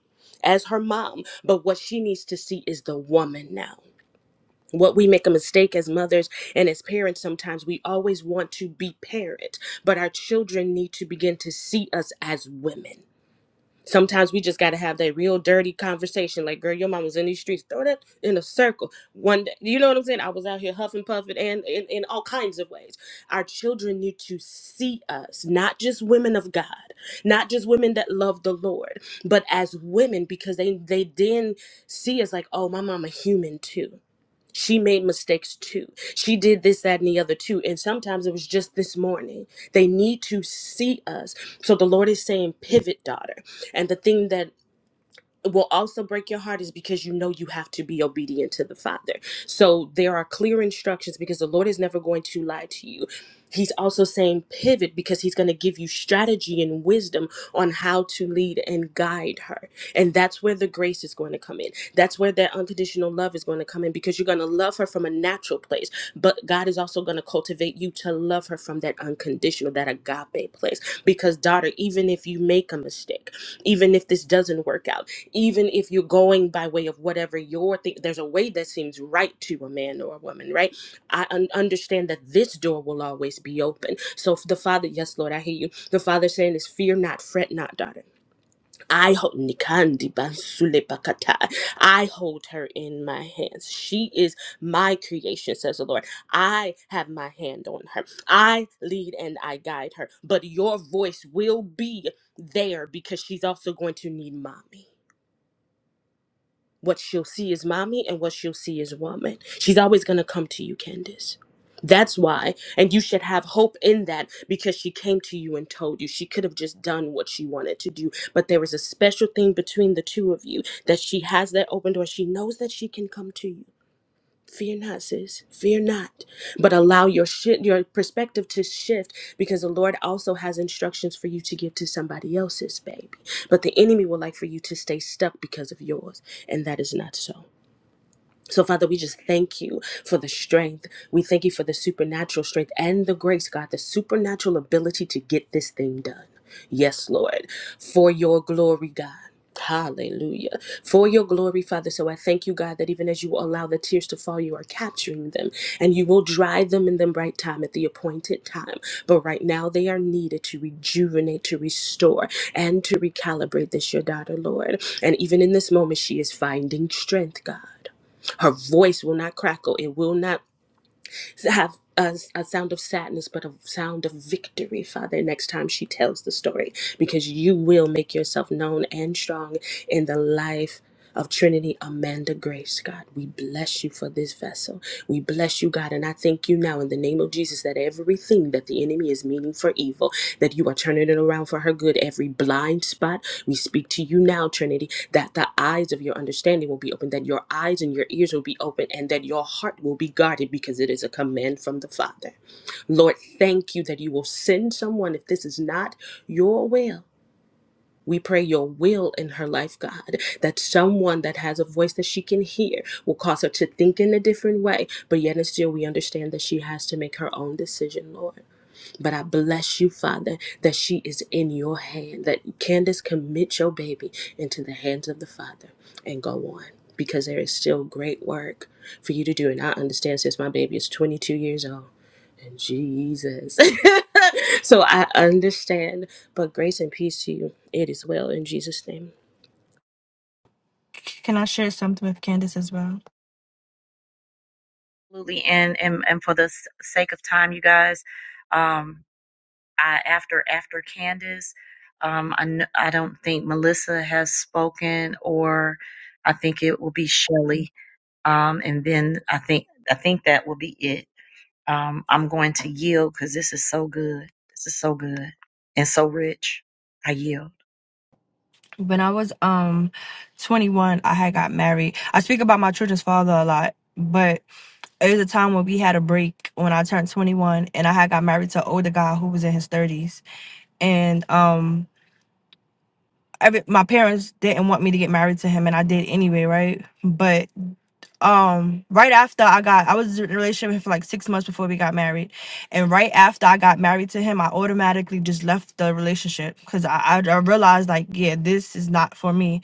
Speaker 6: as her mom. But what she needs to see is the woman now what we make a mistake as mothers and as parents sometimes we always want to be parent but our children need to begin to see us as women sometimes we just got to have that real dirty conversation like girl your mom was in these streets throw that in a circle one day you know what i'm saying i was out here huffing puffing and in, in all kinds of ways our children need to see us not just women of god not just women that love the lord but as women because they they then see us like oh my mama human too she made mistakes too. She did this, that, and the other too. And sometimes it was just this morning. They need to see us. So the Lord is saying, pivot, daughter. And the thing that will also break your heart is because you know you have to be obedient to the Father. So there are clear instructions because the Lord is never going to lie to you. He's also saying pivot because he's going to give you strategy and wisdom on how to lead and guide her. And that's where the grace is going to come in. That's where that unconditional love is going to come in because you're going to love her from a natural place. But God is also going to cultivate you to love her from that unconditional, that agape place. Because, daughter, even if you make a mistake, even if this doesn't work out, even if you're going by way of whatever your thing there's a way that seems right to a man or a woman right i un- understand that this door will always be open so the father yes lord i hear you the father saying is fear not fret not daughter i hold nikandi bansule bakata. i hold her in my hands she is my creation says the lord i have my hand on her i lead and i guide her but your voice will be there because she's also going to need mommy what she'll see is mommy, and what she'll see is woman. She's always going to come to you, Candace. That's why. And you should have hope in that because she came to you and told you. She could have just done what she wanted to do. But there was a special thing between the two of you that she has that open door. She knows that she can come to you. Fear not, sis. Fear not. But allow your shit, your perspective to shift because the Lord also has instructions for you to give to somebody else's baby. But the enemy would like for you to stay stuck because of yours, and that is not so. So, Father, we just thank you for the strength. We thank you for the supernatural strength and the grace, God, the supernatural ability to get this thing done. Yes, Lord, for your glory, God. Hallelujah. For your glory, Father. So I thank you, God, that even as you allow the tears to fall, you are capturing them and you will dry them in the right time at the appointed time. But right now, they are needed to rejuvenate, to restore, and to recalibrate this, your daughter, Lord. And even in this moment, she is finding strength, God. Her voice will not crackle. It will not have a, a sound of sadness, but a sound of victory, Father, next time she tells the story, because you will make yourself known and strong in the life of Trinity Amanda Grace, God. We bless you for this vessel. We bless you, God. And I thank you now in the name of Jesus that everything that the enemy is meaning for evil, that you are turning it around for her good. Every blind spot, we speak to you now, Trinity, that the eyes of your understanding will be open, that your eyes and your ears will be open, and that your heart will be guarded because it is a command from the Father. Lord, thank you that you will send someone if this is not your will we pray your will in her life, God, that someone that has a voice that she can hear will cause her to think in a different way. But yet and still, we understand that she has to make her own decision, Lord. But I bless you, Father, that she is in your hand, that Candace commit your baby into the hands of the Father and go on. Because there is still great work for you to do. And I understand since my baby is 22 years old. Jesus. so I understand, but grace and peace to you. It is well in Jesus' name.
Speaker 4: Can I share something with Candace as well?
Speaker 1: Absolutely. And, and, and for the s- sake of time, you guys, um, I, after, after Candace, um, I, kn- I don't think Melissa has spoken or I think it will be Shelley. Um, and then I think, I think that will be it. Um, I'm going to yield because this is so good. This is so good and so rich. I yield.
Speaker 4: When I was um 21, I had got married. I speak about my children's father a lot, but it was a time when we had a break when I turned 21 and I had got married to an older guy who was in his 30s. And um every, my parents didn't want me to get married to him and I did anyway, right? But um right after I got I was in a relationship for like six months before we got married. And right after I got married to him, I automatically just left the relationship because I, I I realized like, yeah, this is not for me.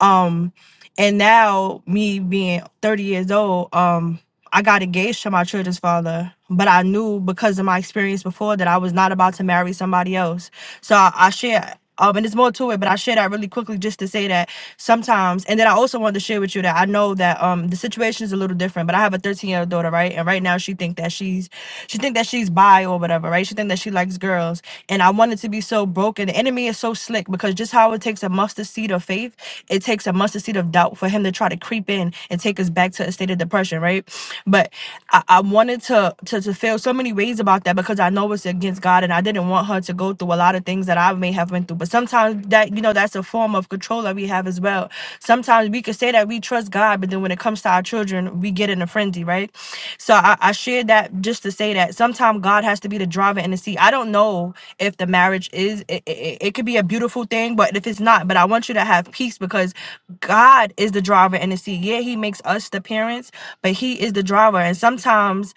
Speaker 4: Um and now me being 30 years old, um I got engaged to my children's father, but I knew because of my experience before that I was not about to marry somebody else. So I, I share, um, and there's more to it, but I share that really quickly just to say that sometimes, and then I also wanted to share with you that I know that um the situation is a little different, but I have a 13 year old daughter, right? And right now she think that she's, she think that she's bi or whatever, right? She think that she likes girls, and I wanted to be so broken. The enemy is so slick because just how it takes a mustard seed of faith, it takes a mustard seed of doubt for him to try to creep in and take us back us back to a state of depression, right? But I, I wanted to, to to feel so many ways about that because I know it's against God, and I didn't want her to go through a lot of things that I may have went through. But sometimes that you know that's a form of control that we have as well. Sometimes we can say that we trust God, but then when it comes to our children, we get in a frenzy, right? So I, I shared that just to say that sometimes God has to be the driver in the seat. I don't know if the marriage is it, it, it could be a beautiful thing, but if it's not, but I want you to have peace because God is the the driver in the seat. Yeah, he makes us the parents, but he is the driver. And sometimes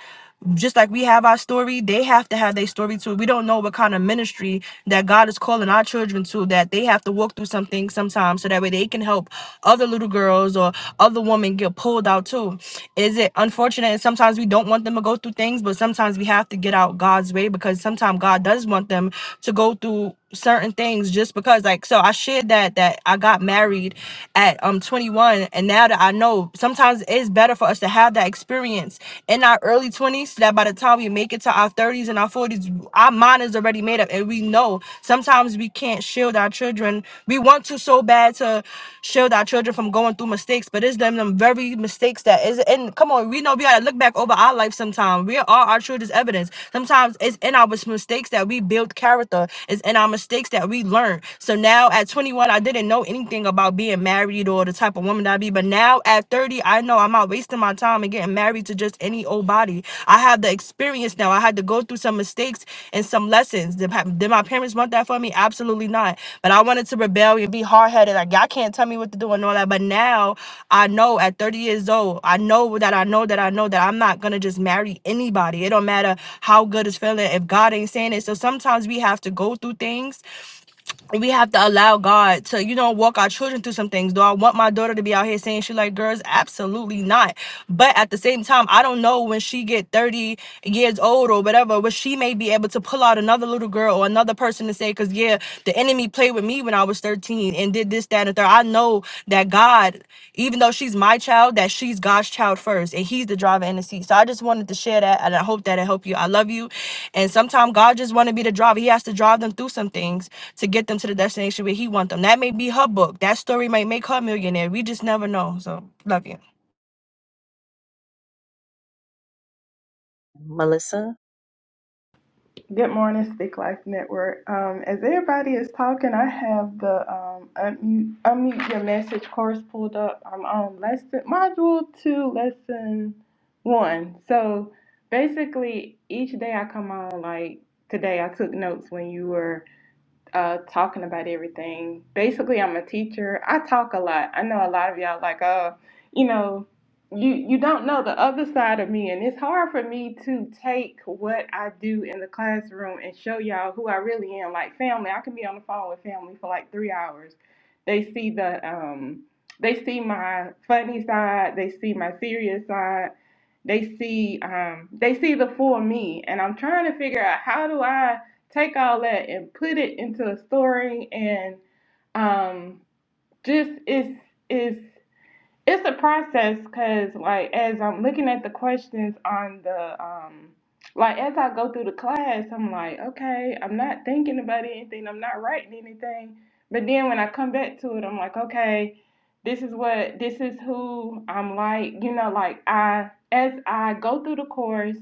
Speaker 4: just like we have our story, they have to have their story too. We don't know what kind of ministry that God is calling our children to, that they have to walk through something sometimes so that way they can help other little girls or other women get pulled out too. Is it unfortunate? And sometimes we don't want them to go through things, but sometimes we have to get out God's way because sometimes God does want them to go through certain things just because like so I shared that that I got married at um 21 and now that I know sometimes it's better for us to have that experience in our early 20s so that by the time we make it to our 30s and our 40s our mind is already made up and we know sometimes we can't shield our children we want to so bad to shield our children from going through through mistakes, but it's them them very mistakes that is in. come on, we know we gotta look back over our life sometime. We are our children's evidence. Sometimes it's in our mis- mistakes that we build character, it's in our mistakes that we learn. So now at 21, I didn't know anything about being married or the type of woman that I be, but now at 30, I know I'm not wasting my time and getting married to just any old body. I have have the experience now. I had to go through some mistakes and some lessons. Did, pa- did my parents want that for me? Absolutely not. But I wanted to rebel and be hard headed. Like y'all can't tell me what to do and all that. But now I know at 30 years old, I know that I know that I know that I'm not gonna just marry anybody. It don't matter how good it's feeling if God ain't saying it. So sometimes we have to go through things we have to allow God to, you know, walk our children through some things. Do I want my daughter to be out here saying she like girls? Absolutely not. But at the same time, I don't know when she get 30 years old or whatever, where she may be able to pull out another little girl or another person to say, cause yeah, the enemy played with me when I was 13 and did this, that, and the third. I know that God, even though she's my child, that she's God's child first and he's the driver in the seat. So I just wanted to share that and I hope that it helped you. I love you. And sometimes God just want to be the driver. He has to drive them through some things to get them to the destination where he want them. That may be her book. That story might make her a millionaire. We just never know. So love you.
Speaker 1: Melissa,
Speaker 7: Good morning, Speak Life Network. Um, as everybody is talking, I have the um, unmute, unmute your message course pulled up. I'm on lesson module two, lesson one. So basically, each day I come on, like today, I took notes when you were. uh, talking about everything. Basically, I'm a teacher. I talk a lot. I know a lot of y'all like, oh, you know, you you don't know the other side of me, and it's hard for me to take what I do in the classroom and show y'all who I really am. Like family, I can be on the phone with family for like three hours. They see the um, they see my funny side. They see my serious side they see um they see the full me and i'm trying to figure out how do i take all that and put it into a story and um, just it's it's it's a process because like as i'm looking at the questions on the um like as i go through the class i'm like okay i'm not thinking about anything i'm not writing anything but then when i come back to it i'm like okay this is what this is who i'm like you know like i as i go through the course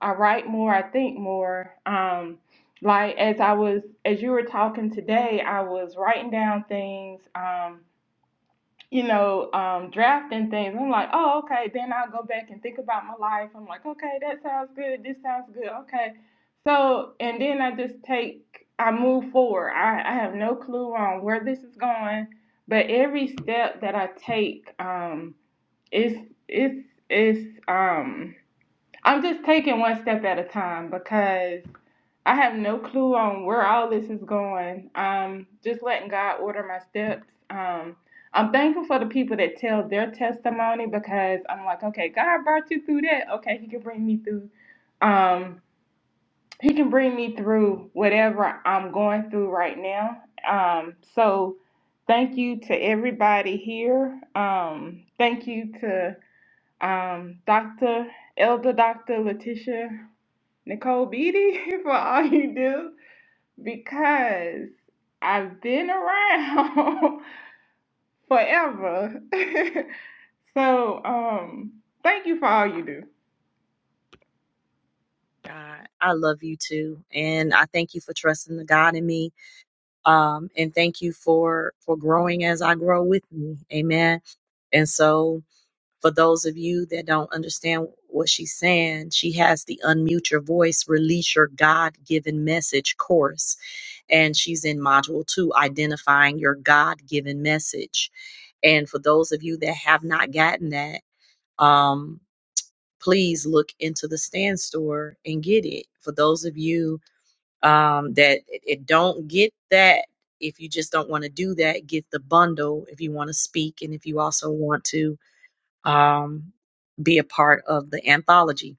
Speaker 7: i write more i think more um like as i was as you were talking today i was writing down things um you know, um, drafting things. I'm like, oh, okay. Then I'll go back and think about my life. I'm like, okay, that sounds good. This sounds good. Okay. So, and then I just take, I move forward. I, I have no clue on where this is going, but every step that I take, um, is, is, is, um, I'm just taking one step at a time because I have no clue on where all this is going. Um, just letting God order my steps. Um, I'm thankful for the people that tell their testimony because I'm like, okay, God brought you through that. Okay, He can bring me through. Um, he can bring me through whatever I'm going through right now. Um, so thank you to everybody here. Um, thank you to um, Dr. Elder Dr. Letitia Nicole Beatty for all you do because I've been around forever. so, um, thank you for all you do.
Speaker 1: God, I love you too, and I thank you for trusting the God in me. Um, and thank you for for growing as I grow with me. Amen. And so For those of you that don't understand what she's saying, she has the Unmute Your Voice, Release Your God Given Message course. And she's in Module 2, Identifying Your God Given Message. And for those of you that have not gotten that, um, please look into the stand store and get it. For those of you um, that it it don't get that, if you just don't want to do that, get the bundle if you want to speak and if you also want to um, be a part of the anthology.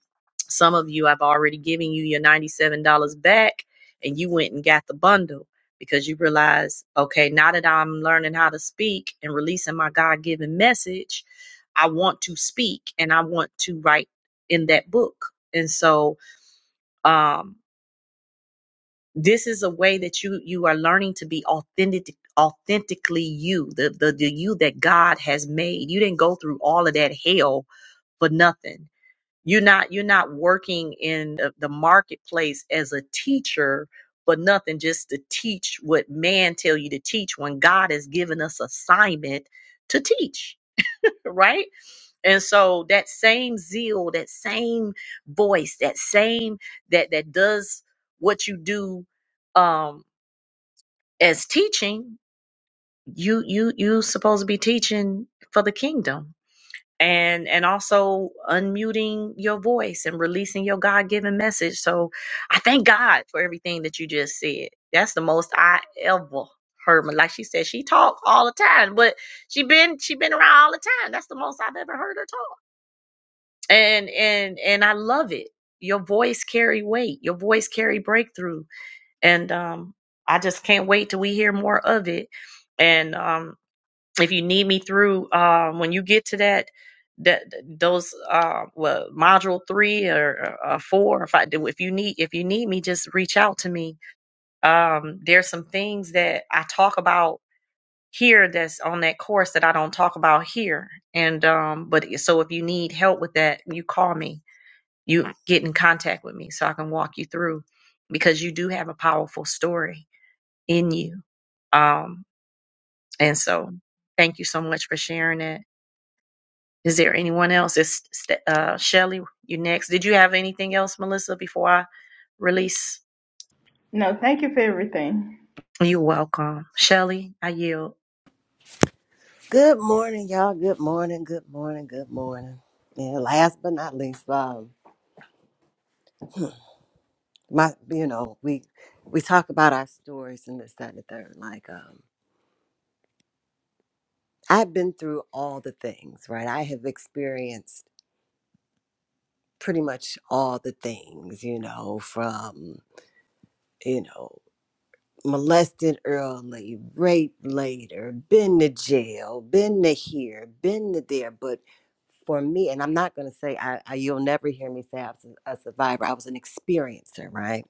Speaker 1: Some of you, I've already given you your $97 back, and you went and got the bundle because you realize, okay, now that I'm learning how to speak and releasing my God given message, I want to speak and I want to write in that book. And so, um, this is a way that you you are learning to be authentic authentically you the, the the you that god has made you didn't go through all of that hell for nothing you're not you're not working in the the marketplace as a teacher for nothing just to teach what man tell you to teach when God has given us assignment to teach, right? And so that same zeal, that same voice, that same that that does what you do um as teaching, you you you supposed to be teaching for the kingdom and and also unmuting your voice and releasing your god-given message so i thank god for everything that you just said that's the most i ever heard my- like she said she talk all the time but she been she been around all the time that's the most i've ever heard her talk and and and i love it your voice carry weight your voice carry breakthrough and um i just can't wait till we hear more of it and um, if you need me through um, when you get to that that those uh well module three or uh, four if i do if you need if you need me just reach out to me um there's some things that i talk about here that's on that course that i don't talk about here and um but so if you need help with that you call me you get in contact with me so i can walk you through because you do have a powerful story in you um and so thank you so much for sharing it Is there anyone else? Is St- uh, Shelly, you next? Did you have anything else, Melissa, before I release?
Speaker 7: No, thank you for everything.
Speaker 1: You're welcome. Shelly, I yield.
Speaker 11: Good morning, y'all. Good morning. Good morning. Good morning. And last but not least, um, my you know we we talk about our stories and this that, and the third. Like um, I've been through all the things, right? I have experienced pretty much all the things, you know, from you know molested early, raped later, been to jail, been to here, been to there. But for me, and I'm not going to say I, I, you'll never hear me say I was a a survivor. I was an experiencer, right?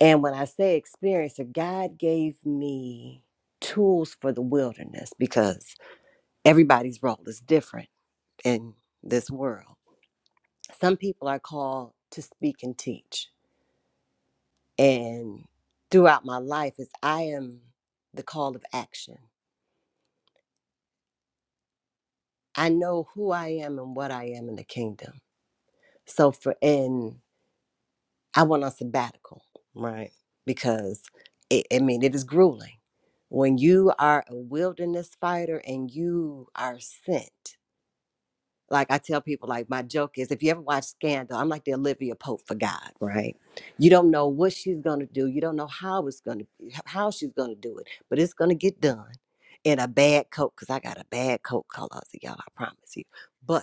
Speaker 11: And when I say experiencer, God gave me tools for the wilderness because everybody's role is different in this world. Some people are called to speak and teach. And throughout my life is I am the call of action. I know who I am and what I am in the kingdom. So for and I went on sabbatical, right? Because it, I mean it is grueling. When you are a wilderness fighter and you are sent, like I tell people, like my joke is if you ever watch Scandal, I'm like the Olivia Pope for God, right? You don't know what she's gonna do, you don't know how it's gonna how she's gonna do it, but it's gonna get done in a bad coat, because I got a bad coat color, so y'all, I promise you. But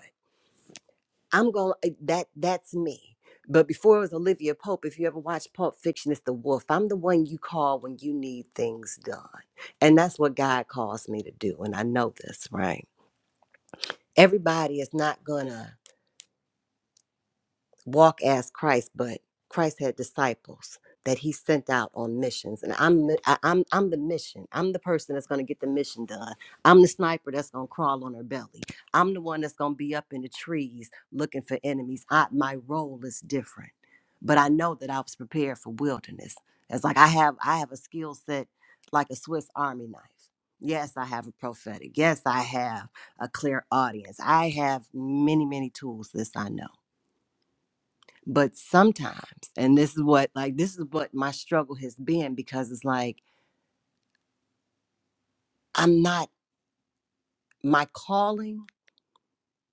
Speaker 11: I'm going to that that's me. But before it was Olivia Pope, if you ever watched Pulp Fiction, it's the wolf. I'm the one you call when you need things done. And that's what God calls me to do. And I know this, right? Everybody is not gonna walk as Christ, but Christ had disciples that he sent out on missions. And I'm mi- I- I'm I'm the mission. I'm the person that's going to get the mission done. I'm the sniper that's going to crawl on her belly. I'm the one that's going to be up in the trees looking for enemies. I, my role is different. But I know that I was prepared for wilderness. It's like I have I have a skill set like a Swiss army knife. Yes, I have a prophetic. Yes, I have a clear audience. I have many many tools this I know but sometimes, and this is what like this is what my struggle has been because it's like I'm not my calling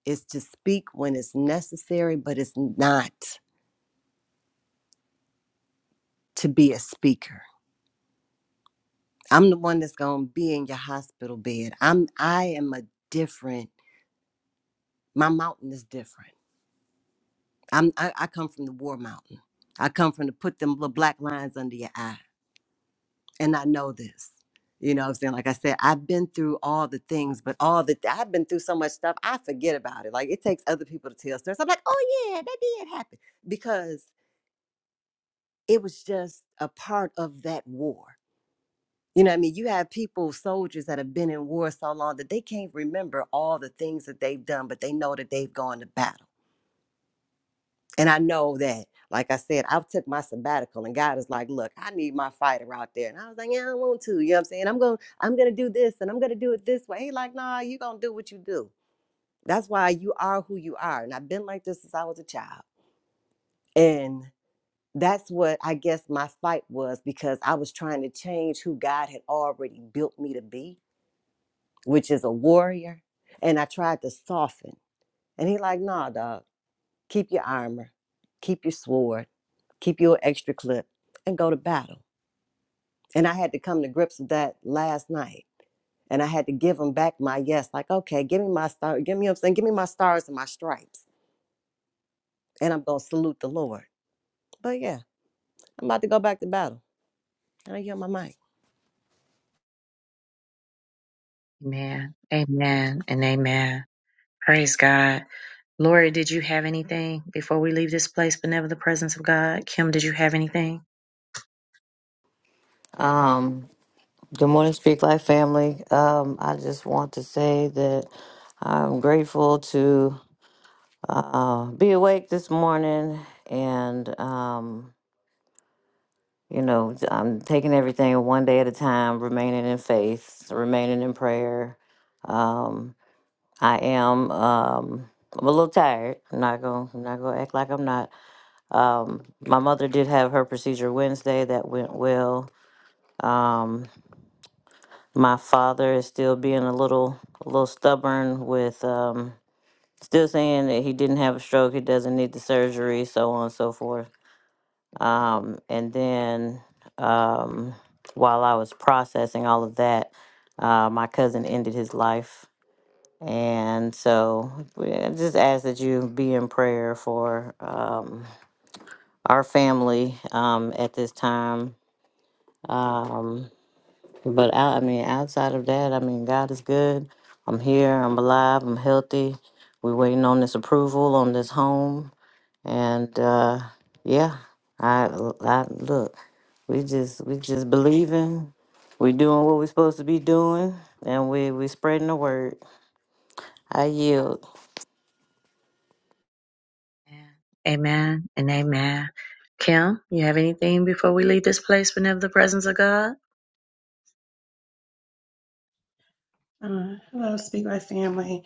Speaker 11: is to speak when it's necessary, but it's not to be a speaker. I'm the one that's going to be in your hospital bed. I'm I am a different my mountain is different. I'm I, I come from the war mountain. I come from to put them little black lines under your eye. and I know this. You know what I'm saying? Like I said, I've been through all the things, but all the I've been through so much stuff, I forget about it. Like it takes other people to tell stories. I'm like, oh yeah, that did happen. Because it was just a part of that war. You know what I mean? You have people, soldiers that have been in war so long that they can't remember all the things that they've done, but they know that they've gone to battle And I know that, like I said, I've took my sabbatical and God is like, look, I need my fighter out there. And I was like, yeah, I want to. You know what I'm saying? I'm gonna I'm gonna do this and I'm gonna do it this way. He like, nah, you gonna do what you do. That's why you are who you are. And I've been like this since I was a child. And that's what I guess my fight was because I was trying to change who God had already built me to be, which is a warrior. And I tried to soften. And he like, nah, dog, keep your armor, keep your sword keep your extra clip and go to battle. And I had to come to grips with that last night. And I had to give them back my yes, like, okay, give me my star, give me I'm saying, give me my stars and my stripes. And I'm gonna salute the Lord. But yeah, I'm about to go back to battle. I hear my mic.
Speaker 1: Amen. Amen and amen. Praise God. Lori, did you have anything before we leave this place, but never the presence of God? Kim, did you have anything?
Speaker 10: Um, good morning, Speak Life family. Um, I just want to say that I'm grateful to uh, be awake this morning and, um, you know, I'm taking everything one day at a time, remaining in faith, remaining in prayer. Um, I am. Um, I'm a little tired. I'm not gonna. I'm not gonna act like I'm not. Um, my mother did have her procedure Wednesday. That went well. Um, my father is still being a little, a little stubborn with um, still saying that he didn't have a stroke, he doesn't need the surgery, so on and so forth. Um, and then um, while I was processing all of that, uh, my cousin ended his life. And so we- I just ask that you be in prayer for um, our family um, at this time. Um, But I, I mean, outside of that, I mean, God is good. I'm here. I'm alive. I'm healthy. We're waiting on this approval on this home, and uh, yeah, I, I look. We just, we just believing. We doing what we're supposed to be doing, and we we spreading the word. I yield.
Speaker 1: Amen and amen. Kim, you have anything before we leave this place, but never the presence of God?
Speaker 12: Uh, hello, Speak Life family.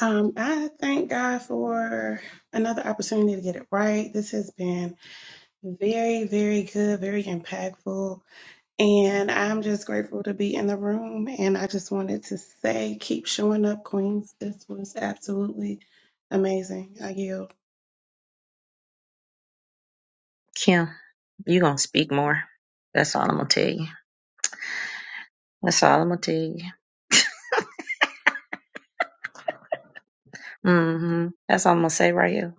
Speaker 12: Um, I thank God for another opportunity to get it right. This has been very, very good, very impactful. And I'm just grateful to be in the room. And I just wanted to say, keep showing up, Queens. This was absolutely amazing. I yield.
Speaker 1: Kim, you going to speak more. That's all I'm going to tell you. That's all I'm going to tell you. hmm That's all I'm gonna say right here,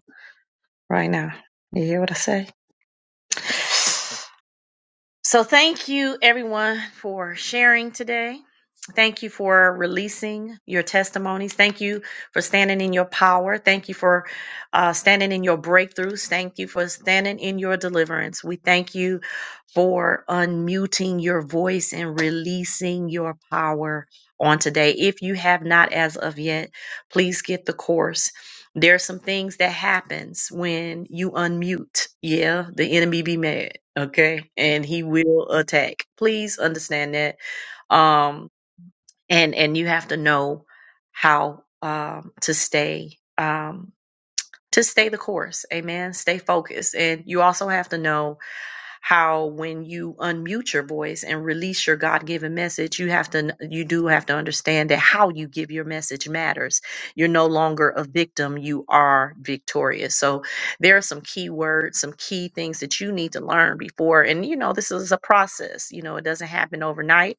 Speaker 1: right now. You hear what I say? So thank you everyone for sharing today. Thank you for releasing your testimonies. Thank you for standing in your power. Thank you for uh, standing in your breakthroughs. Thank you for standing in your deliverance. We thank you for unmuting your voice and releasing your power on today. If you have not as of yet, please get the course. There are some things that happens when you unmute. Yeah, the enemy be mad, okay? And he will attack. Please understand that. Um and and you have to know how um to stay um to stay the course. Amen. Stay focused. And you also have to know how when you unmute your voice and release your God-given message, you have to you do have to understand that how you give your message matters. You're no longer a victim, you are victorious. So there are some key words, some key things that you need to learn before and you know this is a process. You know, it doesn't happen overnight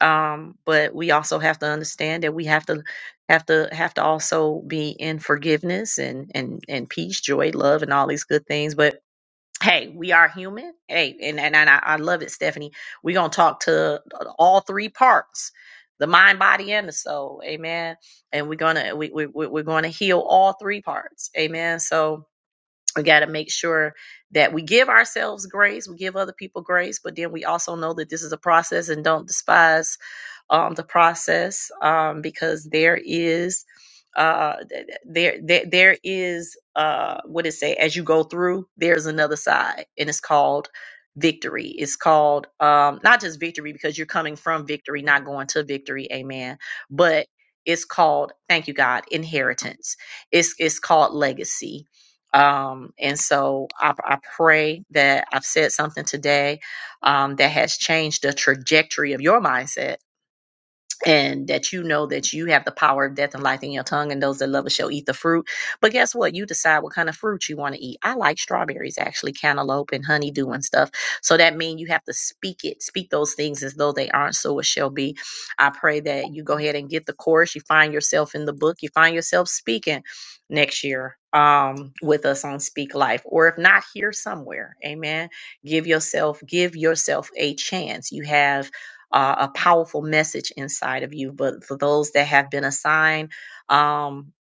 Speaker 1: um, but we also have to understand that we have to have to have to also be in forgiveness and and and peace joy love and all these good things but hey we are human hey and and, and I, I love it stephanie we're gonna talk to all three parts the mind body and the soul amen and we're gonna we, we we- we're gonna heal all three parts amen so we got to make sure that we give ourselves grace we give other people grace but then we also know that this is a process and don't despise um, the process um, because there is uh there there, there is uh what it say as you go through there's another side and it's called victory it's called um not just victory because you're coming from victory not going to victory amen but it's called thank you god inheritance it's it's called legacy um and so i, I pray that i've said something today um, that has changed the trajectory of your mindset and that you know that you have the power of death and life in your tongue, and those that love it shall eat the fruit. But guess what? You decide what kind of fruit you want to eat. I like strawberries, actually, cantaloupe and honeydew and stuff. So that means you have to speak it, speak those things as though they aren't, so it shall be. I pray that you go ahead and get the course. You find yourself in the book, you find yourself speaking next year um with us on speak life or if not here somewhere amen give yourself give yourself a chance you have uh, a powerful message inside of you. But for those that have been assigned um,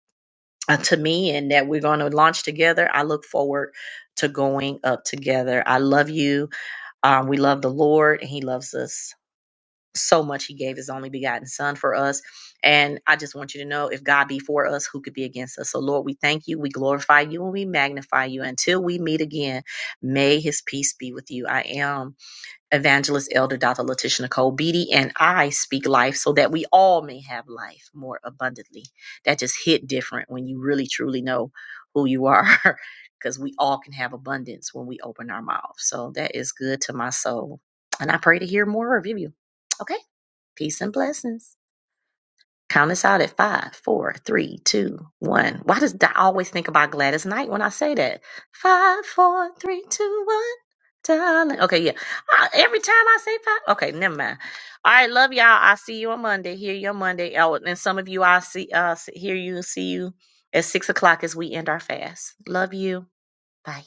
Speaker 1: uh, to me and that we're going to launch together, I look forward to going up together. I love you. Um, we love the Lord, and He loves us so much. He gave His only begotten Son for us. And I just want you to know if God be for us, who could be against us? So, Lord, we thank you, we glorify you, and we magnify you. Until we meet again, may His peace be with you. I am. Evangelist Elder Dr. Letitia Nicole Beatty and I speak life so that we all may have life more abundantly. That just hit different when you really truly know who you are because we all can have abundance when we open our mouth. So that is good to my soul. And I pray to hear more of you. Okay. Peace and blessings. Count us out at five, four, three, two, one. Why does I always think about Gladys Knight when I say that? Five, four, three, two, one. Darling. Okay, yeah. Uh, every time I say five. Okay, never mind. All right, love y'all. I'll see you on Monday. Hear you on Monday. Oh, and some of you I'll see uh s- hear you see you at six o'clock as we end our fast. Love you. Bye.